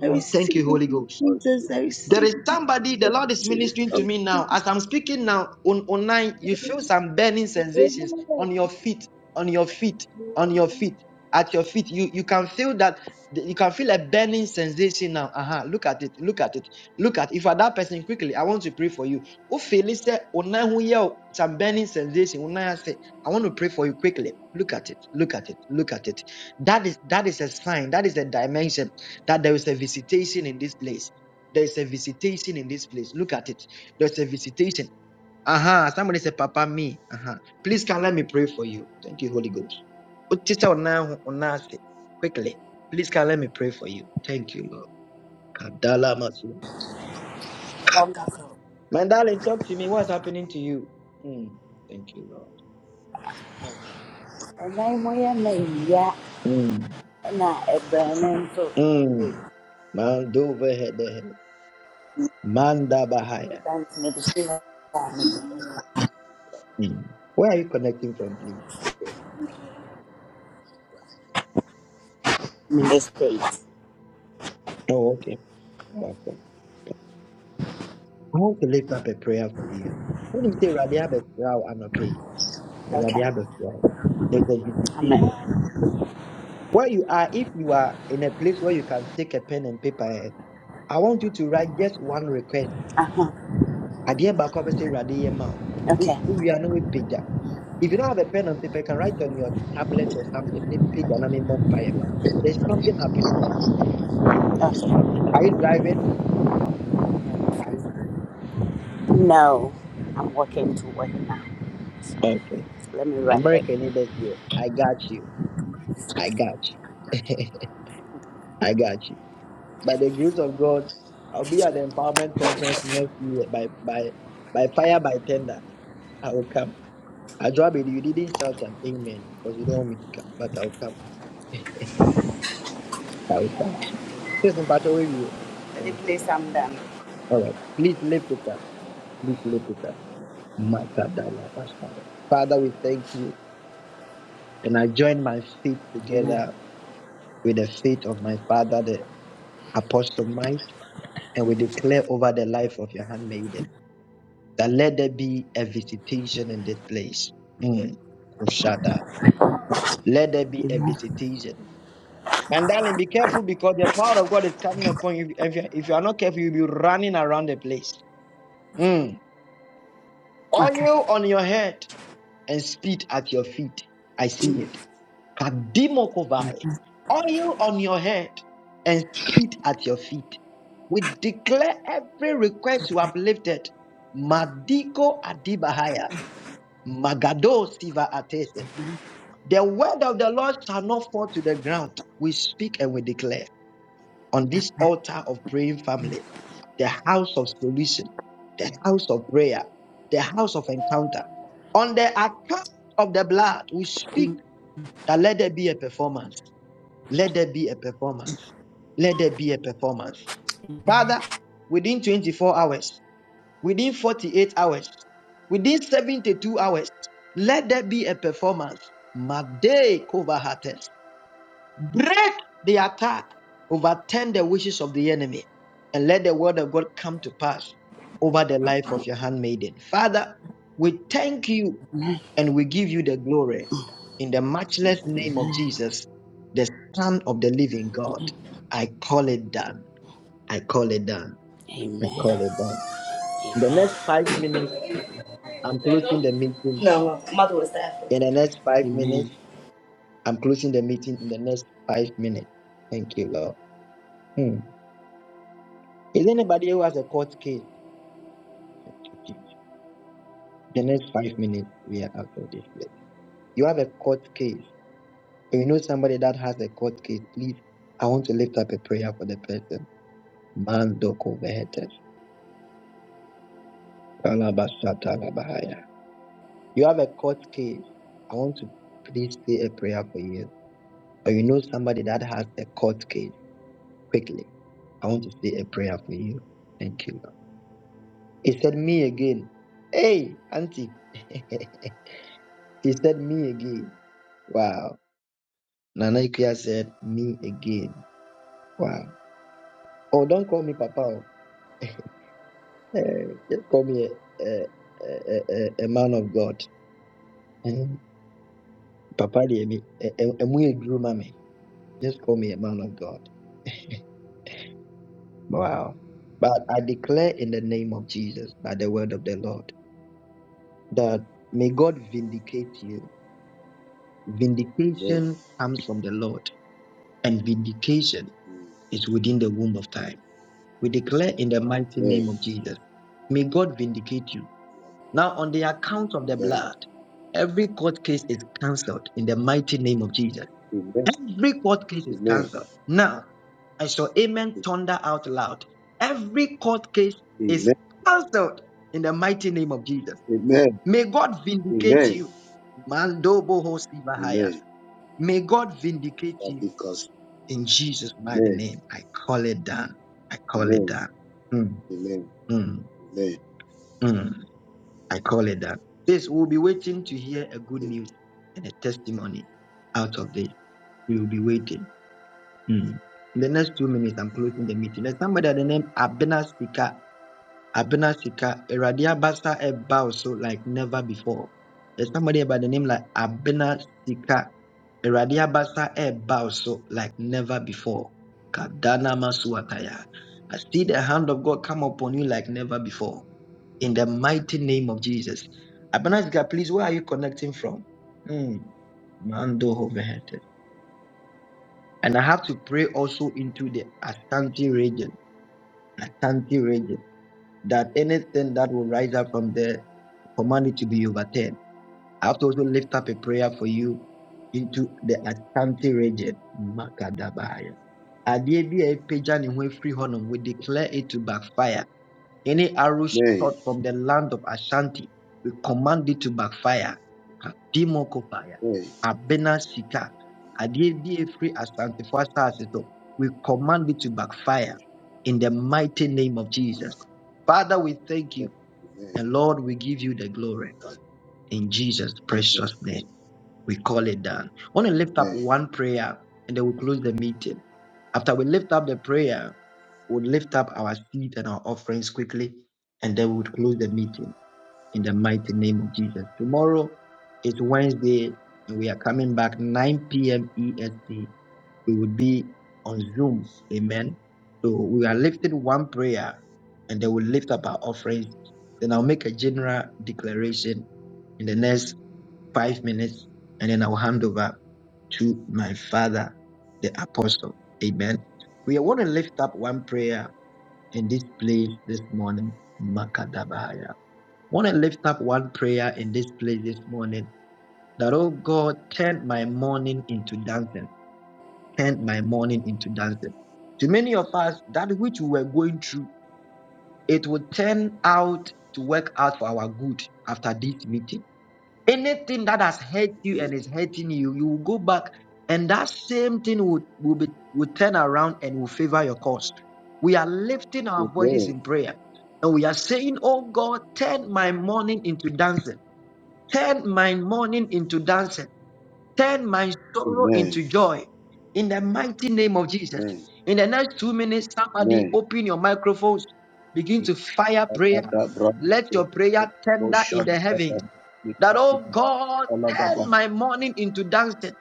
I
Thank
receive
you,
it
Holy Ghost.
I
in Jesus.
receive
Thank
I
it.
you,
I
Jesus.
There
receive
is somebody the
it.
Lord is
receive it.
ministering to
in Jesus.
me now. As I'm speaking now on online,
I
you
receive
feel some burning sensations
it.
on your
in
feet, on your feet, on your
Jesus.
feet, at your feet. You you can feel that you can feel a burning sensation now. Uh-huh. Look at it. Look at it. Look at it. if you are that person quickly, I want to pray for you. Who feel it some burning sensation? Online I I want to pray for you quickly. Look at it. Look at it. Look at it. That is that is a sign. That is a dimension that there is a visitation in this place there's a visitation in this place. Look at it. There's a visitation. Uh-huh. Somebody said, Papa, me. Uh-huh. Please can let me pray for you. Thank you, Holy Ghost. Otisa ona- onase. Quickly. Please can let me pray for you. Thank you, Lord. Kadala masu.
Wonderful.
My darling, talk to me. What's happening to you? Mm. Thank you, Lord.
And i yɛ na ewia
Mm.
na ɛbrɛ no nso
Mm. Mandova head. Manda Bahaya.
ɛdan mede si hɔ a mede
Mm. Where are you connecting from, please?
mede state.
Oh, okay. Welcome. I want to lift up a prayer for you. When you say Radia Besrao Anope,
Okay.
Radia Besrao, there's a visitation.
Amen.
Where you are, if you are in a place where you can take a pen and paper, eh, I want you to write just one request.
Uh-huh.
Adeɛ baako a wobɛsɛ Awurade yɛ mma wo. Wo-
Okay.
wo no wopagya. If you don't have a pen and paper, you can write on your tablet or something. Ne pagya na ne mmɔ mpaeɛ mma There's something happening to you.
Okay.
Are you driving?
No. I'm working to work now.
Okay.
Let me write it.
American neighbors here. I got you. I got you. I got you. by the grace of God, I'll be at the empowerment conference next year by by by fire by tender. I will come. Adrabi, you didn't shout an amen because you don't want me to come, but I'll come. I will come. Sis Mpatowe, you.
Let me
Thank you,
place
Lord.
I'm done.
All right. Please lift it up. Please lift it up. Makadala Bashara. Father, we thank you. And I join my faith
Amen.
together with the faith of my father, the Apostle Mike, and we declare over the life of your handmaiden. that let there be a visitation in this place. Mm. Let there be a
Amen.
visitation. And darling, be careful because the power of God is coming upon you. If you, if you are not careful, you'll be running around the place. Mm.
Okay.
Oil on your head and spit at your feet. I see it. Kadimokovai. Oil on your head and spit at your feet. We declare every request you have lifted. Madiko Adibahaya. Magado siva atese. The word of the Lord shall not fall to the ground. We speak and we declare on this altar of praying family, the house of solution, the house of prayer, the house of encounter. On the account of the blood, we speak that let there be a performance. Let there be a performance. Let there be a performance. Father, within 24 hours, within 48 hours, within 72 hours, let there be a performance. Made Kovahates. Break the attack, overturn the wishes of the enemy, and let the word of God come to pass over the life of your handmaiden. Father, we thank you and we give you the glory in the matchless name of
Amen.
Jesus, the Son of the living God. I call it done. I call it done. I
Amen.
call it done. In the next five minutes, I'm closing the meeting
No, mother was after.
in the next five
Amen.
minutes. I'm closing the meeting in the next five minutes. Thank you, Lord. Hmm. Is anybody who has a court case? The next five minutes, we are out of this place. You have a court case. If you know somebody that has a court case, please, I want to lift up a prayer for the person. Mandoko vehetes. Alabasata labahaya. You have a court case. I want to please say a prayer for you. Or you know somebody that has a court case. quickly. I want to say a prayer for you. Thank you. Lord. He said, Me again. Hey, Auntie. he said, Me again. Wow. Nana Ikuya said, Me again. Wow. Oh, don't call me Papa. oh. Eh, just call me a, a, a, a, a man of God. Eh, Papa, deɛ me- eh, eh, ɛmu yɛ just call me a man of God. Wow. But I declare in the name of Jesus, by the word of the Lord, that may God vindicate you.
Amen.
Vindication comes from the Lord, and vindication is within the womb of time. We declare in the mighty name
Amen.
of Jesus, may God vindicate you. Now, on the account of the
Amen.
blood, every court case is cancelled in the mighty name of Jesus.
Amen.
Every court case is
Amen.
cancelled. Now, I saw Amen thunder out loud. Every court case is
Amen.
cancelled in the mighty name of Jesus.
Amen.
May God vindicate
Amen.
you. Mandobo Hosibahaya.
Amen.
May God vindicate you
Because
in Jesus' mighty
Amen.
name. I call it done. I call it
Amen.
done. Mm,
Amen.
mm,
Amen.
mm. I call it done. This we'll be waiting to hear a good news and a testimony out of this. We will be waiting.
Amen.
Mm. In the next two minutes, I'm closing the meeting. There's somebody at the name Abena Speaker. Abena Sika, Eradi Abasa Eba so like never before. There's somebody by the name like Abena Sika, Eradi Abasa Eba so like never before. Kadana Masuataya. I see the hand of God come upon you like never before. In the mighty name of Jesus. Abena Sika, please, where are you connecting from? Hmm. Mando Hovehete. And I have to pray also into the Ashanti region. Ashanti region. That anything that will rise up from there for money to be overturned. I have to also lift up a prayer for you into the Ashanti region. Makadabaya. Adeɛ bi a ɛpagya ne ho afiri we declare it to backfire. Any arrow
Amen.
shot from the land of Ashanti, we command it to backfire. Kadimo kopaya,
Amen.
abena sika, adeɛ bi a ɛfiri so, we command it to backfire in the mighty name of Jesus. Father, we thank you,
Amen. Amen.
and Lord, we give you the glory. In Jesus' precious name, we call it done. I want to lift up
Amen.
one prayer and then we close the meeting. After we lift up the prayer, we'll lift up our seed and our offerings quickly, and then we'll close the meeting in the mighty name of Jesus. Tomorrow is Wednesday, and we are coming back 9 p.m. EST. We will be on Zoom. Amen. So we are lifting one prayer, and then we'll lift up our offerings. Then I'll make a general declaration in the next five minutes, and then I'll hand over to my father, the apostle. Amen. We want to lift up one prayer in this place this morning. Makadabahaya. Want to lift up one prayer in this place this morning that, oh God, turn my morning into dancing. Turn my morning into dancing. To many of us, that which we were going through, it will turn out to work out for our good after this meeting Anything that has hurt you and
Amen.
is hurting you, you will go back, and that same thing will, will be will turn around and will favor your cause. We are lifting our voices
Amen.
in prayer and we are saying, Oh God, turn my mourning into dancing, turn my mourning into dancing, turn my sorrow
Amen.
into joy. In the mighty name of Jesus. In the next two minutes, somebody
Amen.
open your microphones, begin
Amen.
to fire prayer.
Ada brand
Let your prayer tender in
Boshan
the
Papa
heavens that, oh
Nikapina
God, turn
Alagaba
my mourning into dancing,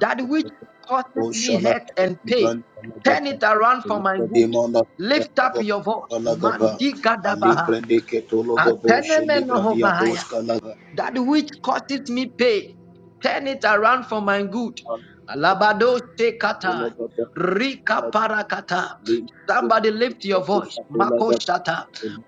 that which causes me
Boshala
hurt and pain.
Brand
Turn
Alagaba
it around for my good.
Demona
Lift up your voice.
Alagaba
Madiga
Ali
dabaha
Brande Ketologo Boshuli Brandiatos Kalaga
that which causes me pain, turn it around for my good. Alabado shekata, rika parakata. Somebody lift your voice. Mako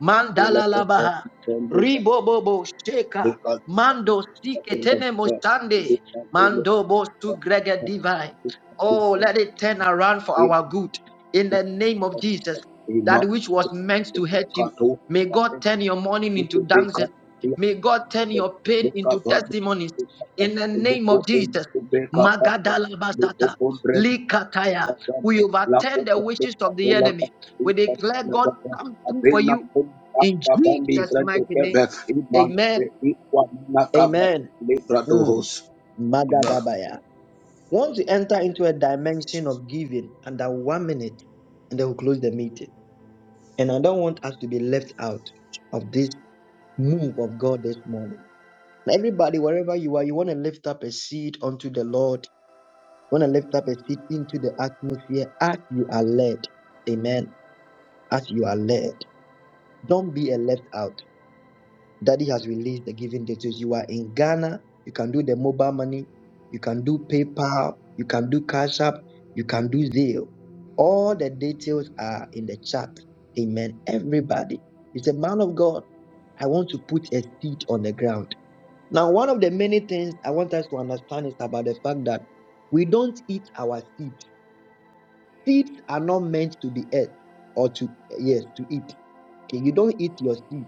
mandala labaha, ribobobo sheka, mando siketene mosande, mando bosu grega divine. Oh, let it turn around for our good. In the name of Jesus, that which was meant to hurt you. May God turn your mourning into dancing. May God turn your pain into testimonies. In the name of Jesus, Magadalabasata, Likataya, we overturn the wishes of the enemy. We declare God come through for
Abena
you
kum
in
akabambi
Jesus'
vrendo
mighty name.
kebe ibe
Amen.
ikwa
Amen. Mm.
Bradohos. Amen.
Magadabaya. We want to enter into a dimension of giving under one minute, and then we'll close the meeting. And I don't want us to be left out of this move of God this morning. Everybody, wherever you are, you want to lift up a seed unto the Lord. You want to lift up a seed into the atmosphere as you are led. Amen. As you are led. Don't be a left out. Daddy has released the giving details. You are in Ghana, you can do the mobile money, you can do PayPal, you can do Cash App, you can do Zelle. All the details are in the chat. Amen. Everybody, it's a man of God. I want to put a seed on the ground. Now, one of the many things I want us to understand is about the fact that we don't eat our seeds. Seeds are not meant to be ate or to yes to eat. Okay, you don't eat your seed.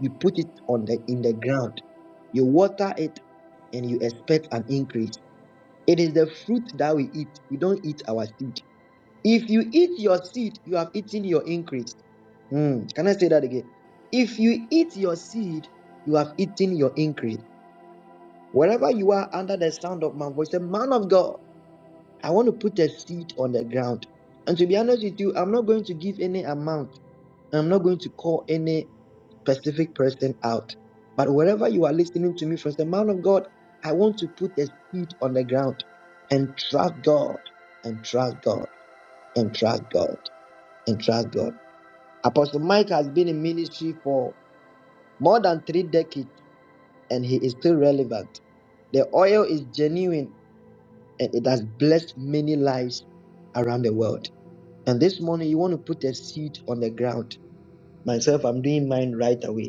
You put it on the in the ground. You water it and you expect an increase. It is the fruit that we eat. We don't eat our seed. If you eat your seed, you have eaten your increase. Hmm, Can I say that again? If you eat your seed, you have eaten your increase. Wherever you are under the sound of my voice, the man of God, I want to put a seed on the ground. And to be honest with you, I'm not going to give any amount. I'm not going to call any specific person out. But wherever you are listening to me from, the man of God, I want to put a seed on the ground and trust God and trust God and trust God and trust God. Apostle Mike has been in ministry for more than three decades and he is still relevant. The oil is genuine and it has blessed many lives around the world. And this morning, you want to put a seed on the ground. Myself, I'm doing mine right away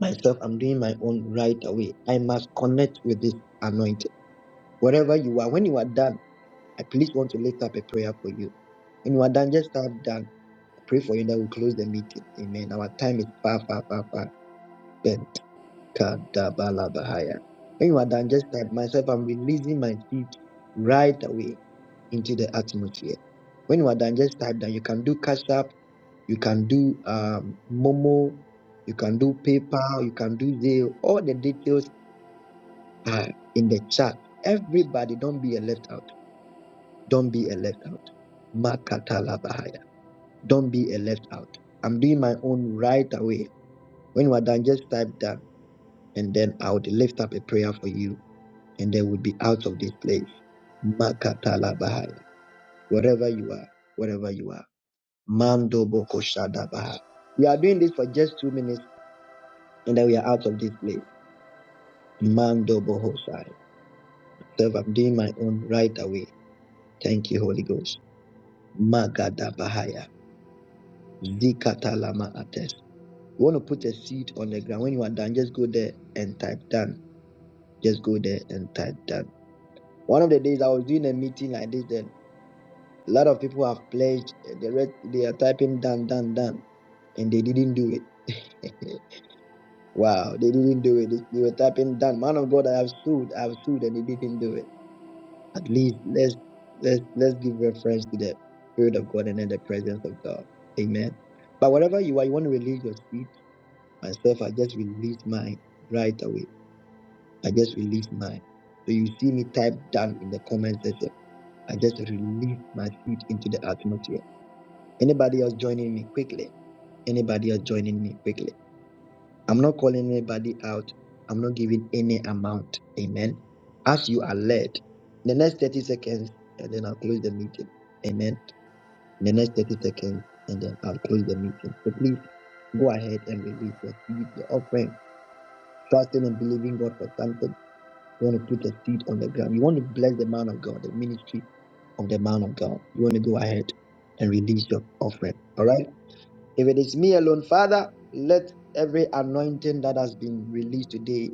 myself, I'm doing my own right away. I must connect with this anointing. Wherever you are, when you are done, I please want to lift up a prayer for you. When you are done, just start done. I pray for you that we close the meeting. Amen. Our time is far, far, far, far. Then, kadabalabahaya. When you are done, just type myself, I'm releasing my feet right away into the atmosphere. When you are done, just type that you can do cash app, you can do um, Momo, you can do PayPal, you can do Zelle, all the details uh, in the chat. Everybody, don't be a left out. Don't be a left out. Makatala Bahaya. Don't be a left out. I'm doing my own right away. When you are done, just type that, and then I would lift up a prayer for you, and then we'll be out of this place. Makatala Bahaya. Wherever you are, wherever you are. Mando Boko Shada Bahaya. We are doing this for just two minutes, and then we are out of this place. Mando Bohosai. So I'm doing my own right away. Thank you, Holy Ghost. Magadabahaya. Zikatalama ates. You want to put a seed on the ground. When you are done, just go there and type done. Just go there and type done. One of the days I was doing a meeting like this, then a lot of people have pledged. eh, The rest they are typing done, done, done, and they didn't do it. wow, they didn't do it. They they were typing done. Man of God, I have stood, I have stood, and they didn't do it. At least let's let's let's give reference to the spirit of God and then the presence of God. Amen. But wherever you are, you want to release your seed myself, I just release mine right away. I just release mine. So you see me type down in the comment section. I just release my seed into the atmosphere. Anybody else joining me quickly? Anybody else joining me quickly? I'm not calling anybody out. I'm not giving any amount. Amen. As you are led, the next 30 seconds, and then I'll close the meeting. Amen. In the next 30 seconds, and then I'll close the meeting. So please go ahead and release your seed, your offering trusting and believing God for something. You want to put a seed on the ground. You want to bless the man of God, the ministry of the man of God. You want to go ahead and release your offering. All right. If it is me alone, Father, let every anointing that has been released today,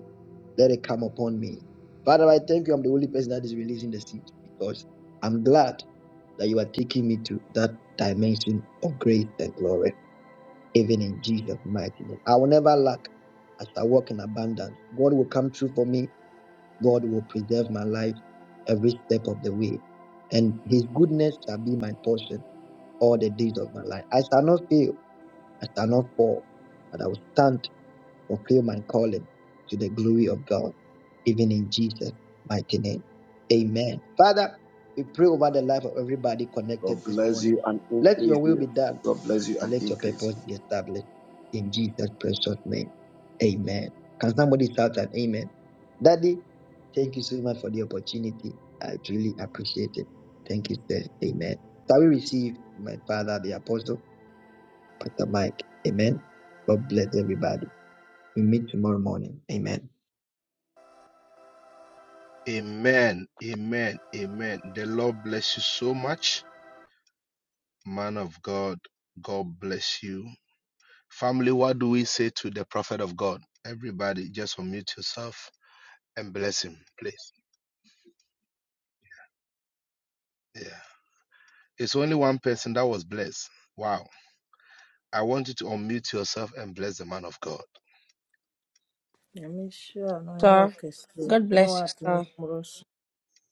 let it come upon me. Father, I thank you. I'm the only person that is releasing the seed because I'm glad that you are taking me to that dimension of grace and glory, even in Jesus' mighty name. I will never lack as I walk in abundance. God will come through for me God will preserve my life every step of the way, and His goodness shall be my portion all the days of my life. I shall not fail, I shall not fall, but I will stand, fulfill my calling to the glory of God, even in Jesus' mighty name. Amen. Father, we pray over the life of everybody connected
God
this
bless
morning.
you and
Let your
increase
will be
you.
done
God bless you
and
and
let your
increase
purpose be established in Jesus' precious name. Amen. Can somebody shout an amen? Daddy, thank you so much for the opportunity. I truly appreciate it. Thank you, sir. Amen. Shall we receive my father, the apostle, Pastor Mike? Amen. God bless everybody. We meet tomorrow morning. Amen.
Amen. Amen. Amen. The Lord bless you so much, man of God. God bless you. Family, what do we say to the prophet of God? Everybody, just unmute yourself and bless him, please. Yeah. It's only one person that was blessed. Wow. I want you to unmute yourself and bless the man of God.
nyamwinshi hano ni yo
Sir,
orchestre
God bless you,
n'uwadi
sir.
muri Rusi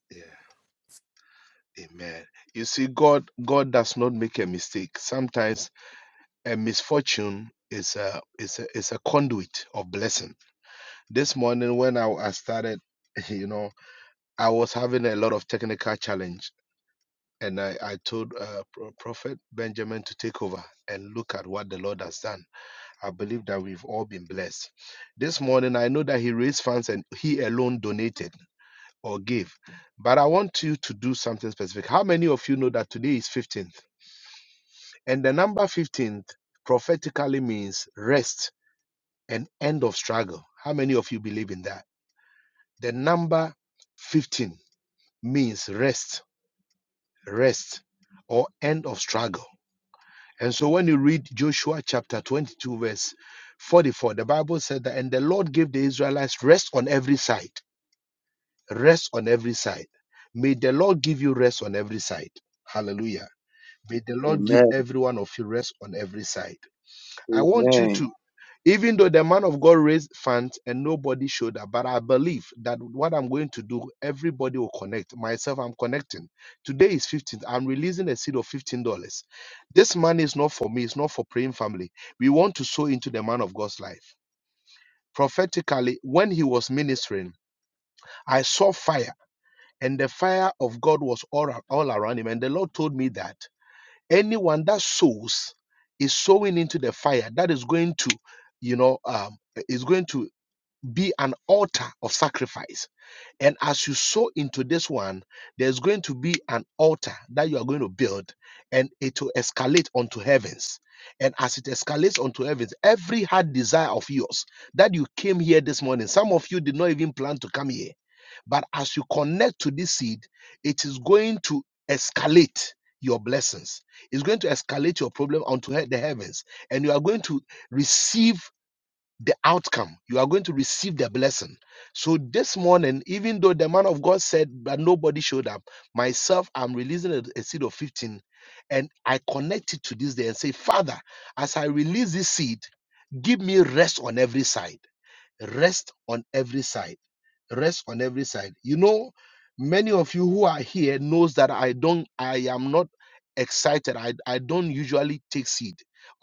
Yeah. Amen. You see, God, God does not make a mistake. Sometimes a misfortune is a is a is a conduit of blessing. This morning when I, I started, you know, I was having a lot of technical challenge, and I I told uh, Pro- Prophet Benjamin to take over and look at what the Lord has done. I believe that we've all been blessed. This morning I know that He raised funds and He alone donated or gave, but I want you to do something specific. How many of you know that today is 15th? And the number 15th prophetically means rest and end of struggle. How many of you believe in that? The number 15 means rest, rest, or end of struggle. And so when you read Joshua chapter 22, verse 44, the Bible said that, and the Lord gave the Israelites rest on every side, rest on every side. May the Lord give you rest on every side. Hallelujah. May the
you.
Lord give
Amen.
every one of you rest on every side. I want you to
Amen.
Even though the man of God raised funds and nobody showed up, but I believe that what I'm going to do, everybody will connect. Myself, I'm connecting. Today is 15th. I'm releasing a seed of $15. This money is not for me, it's not for praying family. We want to sow into the man of God's life. Prophetically, when he was ministering, I saw fire, and the fire of God was all, ar- all around him. And the Lord told me that anyone that sows is sowing into the fire that is going to, you know, um, is going to be an altar of sacrifice. And as you sow into this one, there's going to be an altar that you are going to build, and it will escalate onto heavens. And as it escalates onto heavens, every hard desire of yours that you came here this morning, some of you did not even plan to come here, but as you connect to this seed, it is going to escalate your blessings. It's going to escalate your problem onto he- the heavens, and you are going to receive the outcome. You are going to receive the blessing. So this morning, even though the man of God said that nobody showed up, myself, I'm releasing a, a seed of 15 and I connect it to this day and say, Father, as I release this seed, give me rest on every side. Rest on every side. Rest on every side. You know, many of you who are here knows that I don't I am not excited. I, I don't usually take seed.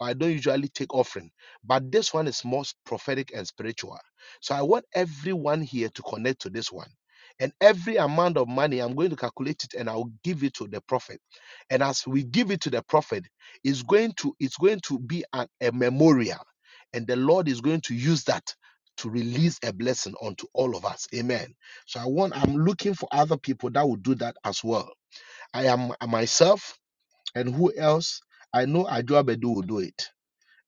I don't usually take offering. But this one is most prophetic and spiritual. So I want everyone here to connect to this one. And every amount of money, I'm going to calculate it and I'll give it to the prophet. And as we give it to the prophet, it's going to it's going to be an, a memorial. And the Lord is going to use that to release a blessing onto all of us. Amen. So I want, I'm looking for other people that will do that as well. I am myself and who else? I know Ajuabedu will do it.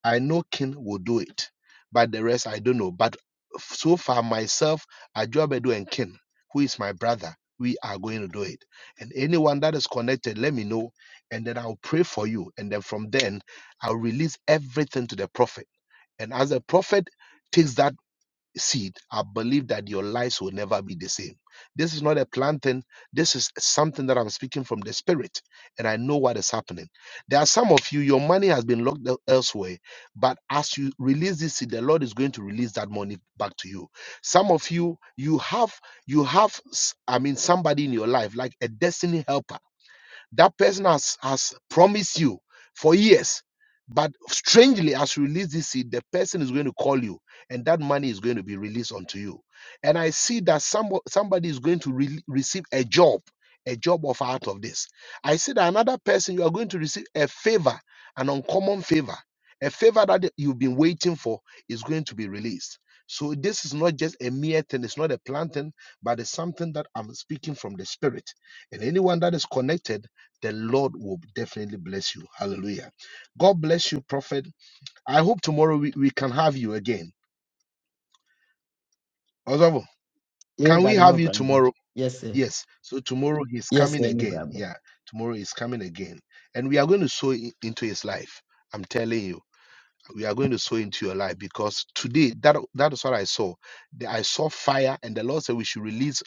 I know King will do it. But the rest, I don't know. But so far, myself, Ajuabedu and King, who is my brother, we are going to do it. And anyone that is connected, let me know. And then I'll pray for you. And then from then, I'll release everything to the prophet. And as the prophet takes that seed, I believe that your lives will never be the same. This is not a planting. This is something that I'm speaking from the spirit, and I know what is happening. There are some of you, your money has been locked el- elsewhere, but as you release this seed, the Lord is going to release that money back to you. Some of you, you have, you have, s- I mean, somebody in your life like a destiny helper that person has, has promised you for years. But strangely, as you release this seed, the person is going to call you and that money is going to be released onto you. And I see that some somebody is going to re- receive a job, a job offer out of this. I see that another person, you are going to receive a favor, an uncommon favor, a favor that you've been waiting for is going to be released. So this is not just a mere thing, it's not a planting, but it's something that I'm speaking from the spirit. And anyone that is connected, the Lord will definitely bless you. Hallelujah. God bless you, Prophet. I hope tomorrow we, we can have you again. Osavo,
Yes,
can we
Daddy, no
have you
problem.
tomorrow?
Yes, sir.
Yes. So tomorrow he's
Yes,
coming
sir, no
again.
problem.
Yeah. Tomorrow he's coming again. And we are going to sow i- into his life. I'm telling you. we are going to sow into your life because today that that is what I saw. The- I saw fire, and the Lord said we should release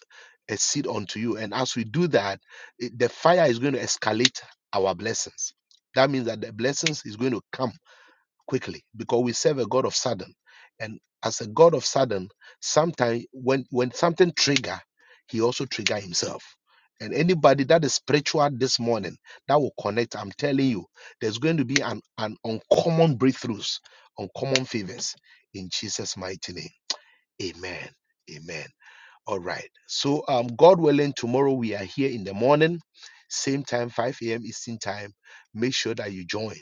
a seed unto you. And as we do that, it- the fire is going to escalate our blessings. That means that the blessings is going to come quickly because we serve a God of sudden. And as a God of sudden, sometimes when when something trigger, he also trigger himself. And anybody that is spiritual this morning that will connect, I'm telling you, there's going to be an, an uncommon breakthroughs, uncommon favors in Jesus' mighty name. Amen. Amen. All right. So, um, God willing, tomorrow we are here in the morning, same time, 5 a.m. Eastern time. Make sure that you join.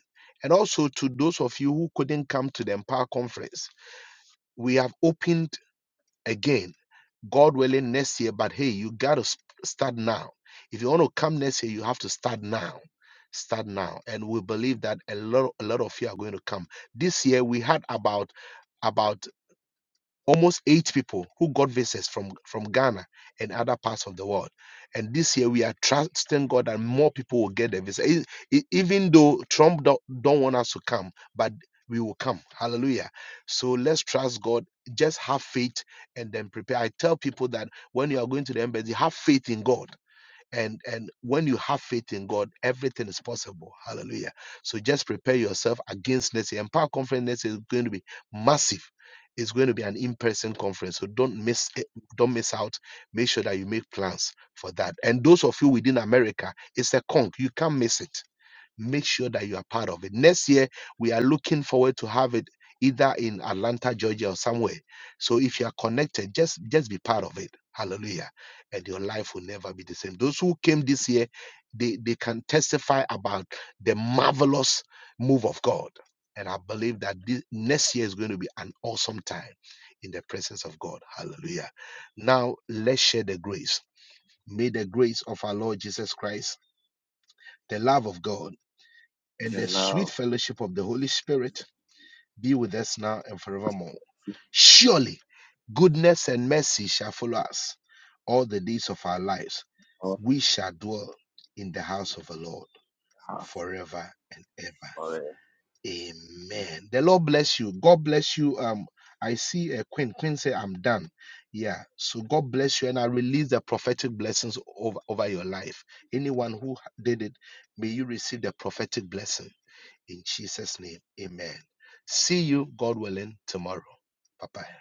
And also to those of you who couldn't come to the Empower Conference, we have opened again, God willing, next year. But hey, you got to start now. If you want to come next year, you have to start now. Start now. And we believe that a lot, a lot of you are going to come. This year, we had about about almost eight people who got visas from from Ghana and other parts of the world. And this year we are trusting God that more people will get the visa, E- e- even though Trump don't, don't want us to come, but we will come. Hallelujah. So let's trust God. Just have faith and then prepare. I tell people that when you are going to the embassy, have faith in God and and when you have faith in god everything is possible hallelujah so just prepare yourself against next year empower conference next year is going to be massive it's going to be an in-person conference so don't miss it, don't miss out make sure that you make plans for that and those of you within america it's a conk you can't miss it make sure that you are part of it. Next year, we are looking forward to have it either in Atlanta, Georgia, or somewhere. So if you are connected, just just be part of it. Hallelujah. And your life will never be the same. Those who came this year, they, they can testify about the marvelous move of God. And I believe that this, next year is going to be an awesome time in the presence of God. Hallelujah. Now, let's share the grace. May the grace of our Lord Jesus Christ, the love of God, and
The
the sweet
love
fellowship of the Holy Spirit be with us now and forevermore. Surely goodness and mercy shall follow us all the days of our lives.
of
We shall dwell in the house of the Lord forever and ever.
God.
Amen. The Lord bless you. God bless you. Um, I see a queen. Queen say, I'm done. Yeah. So God bless you. And I release the prophetic blessings over, over your life. Anyone who did it, may you receive the prophetic blessing in Jesus' name, amen. See you, God willing, tomorrow. Bye bye.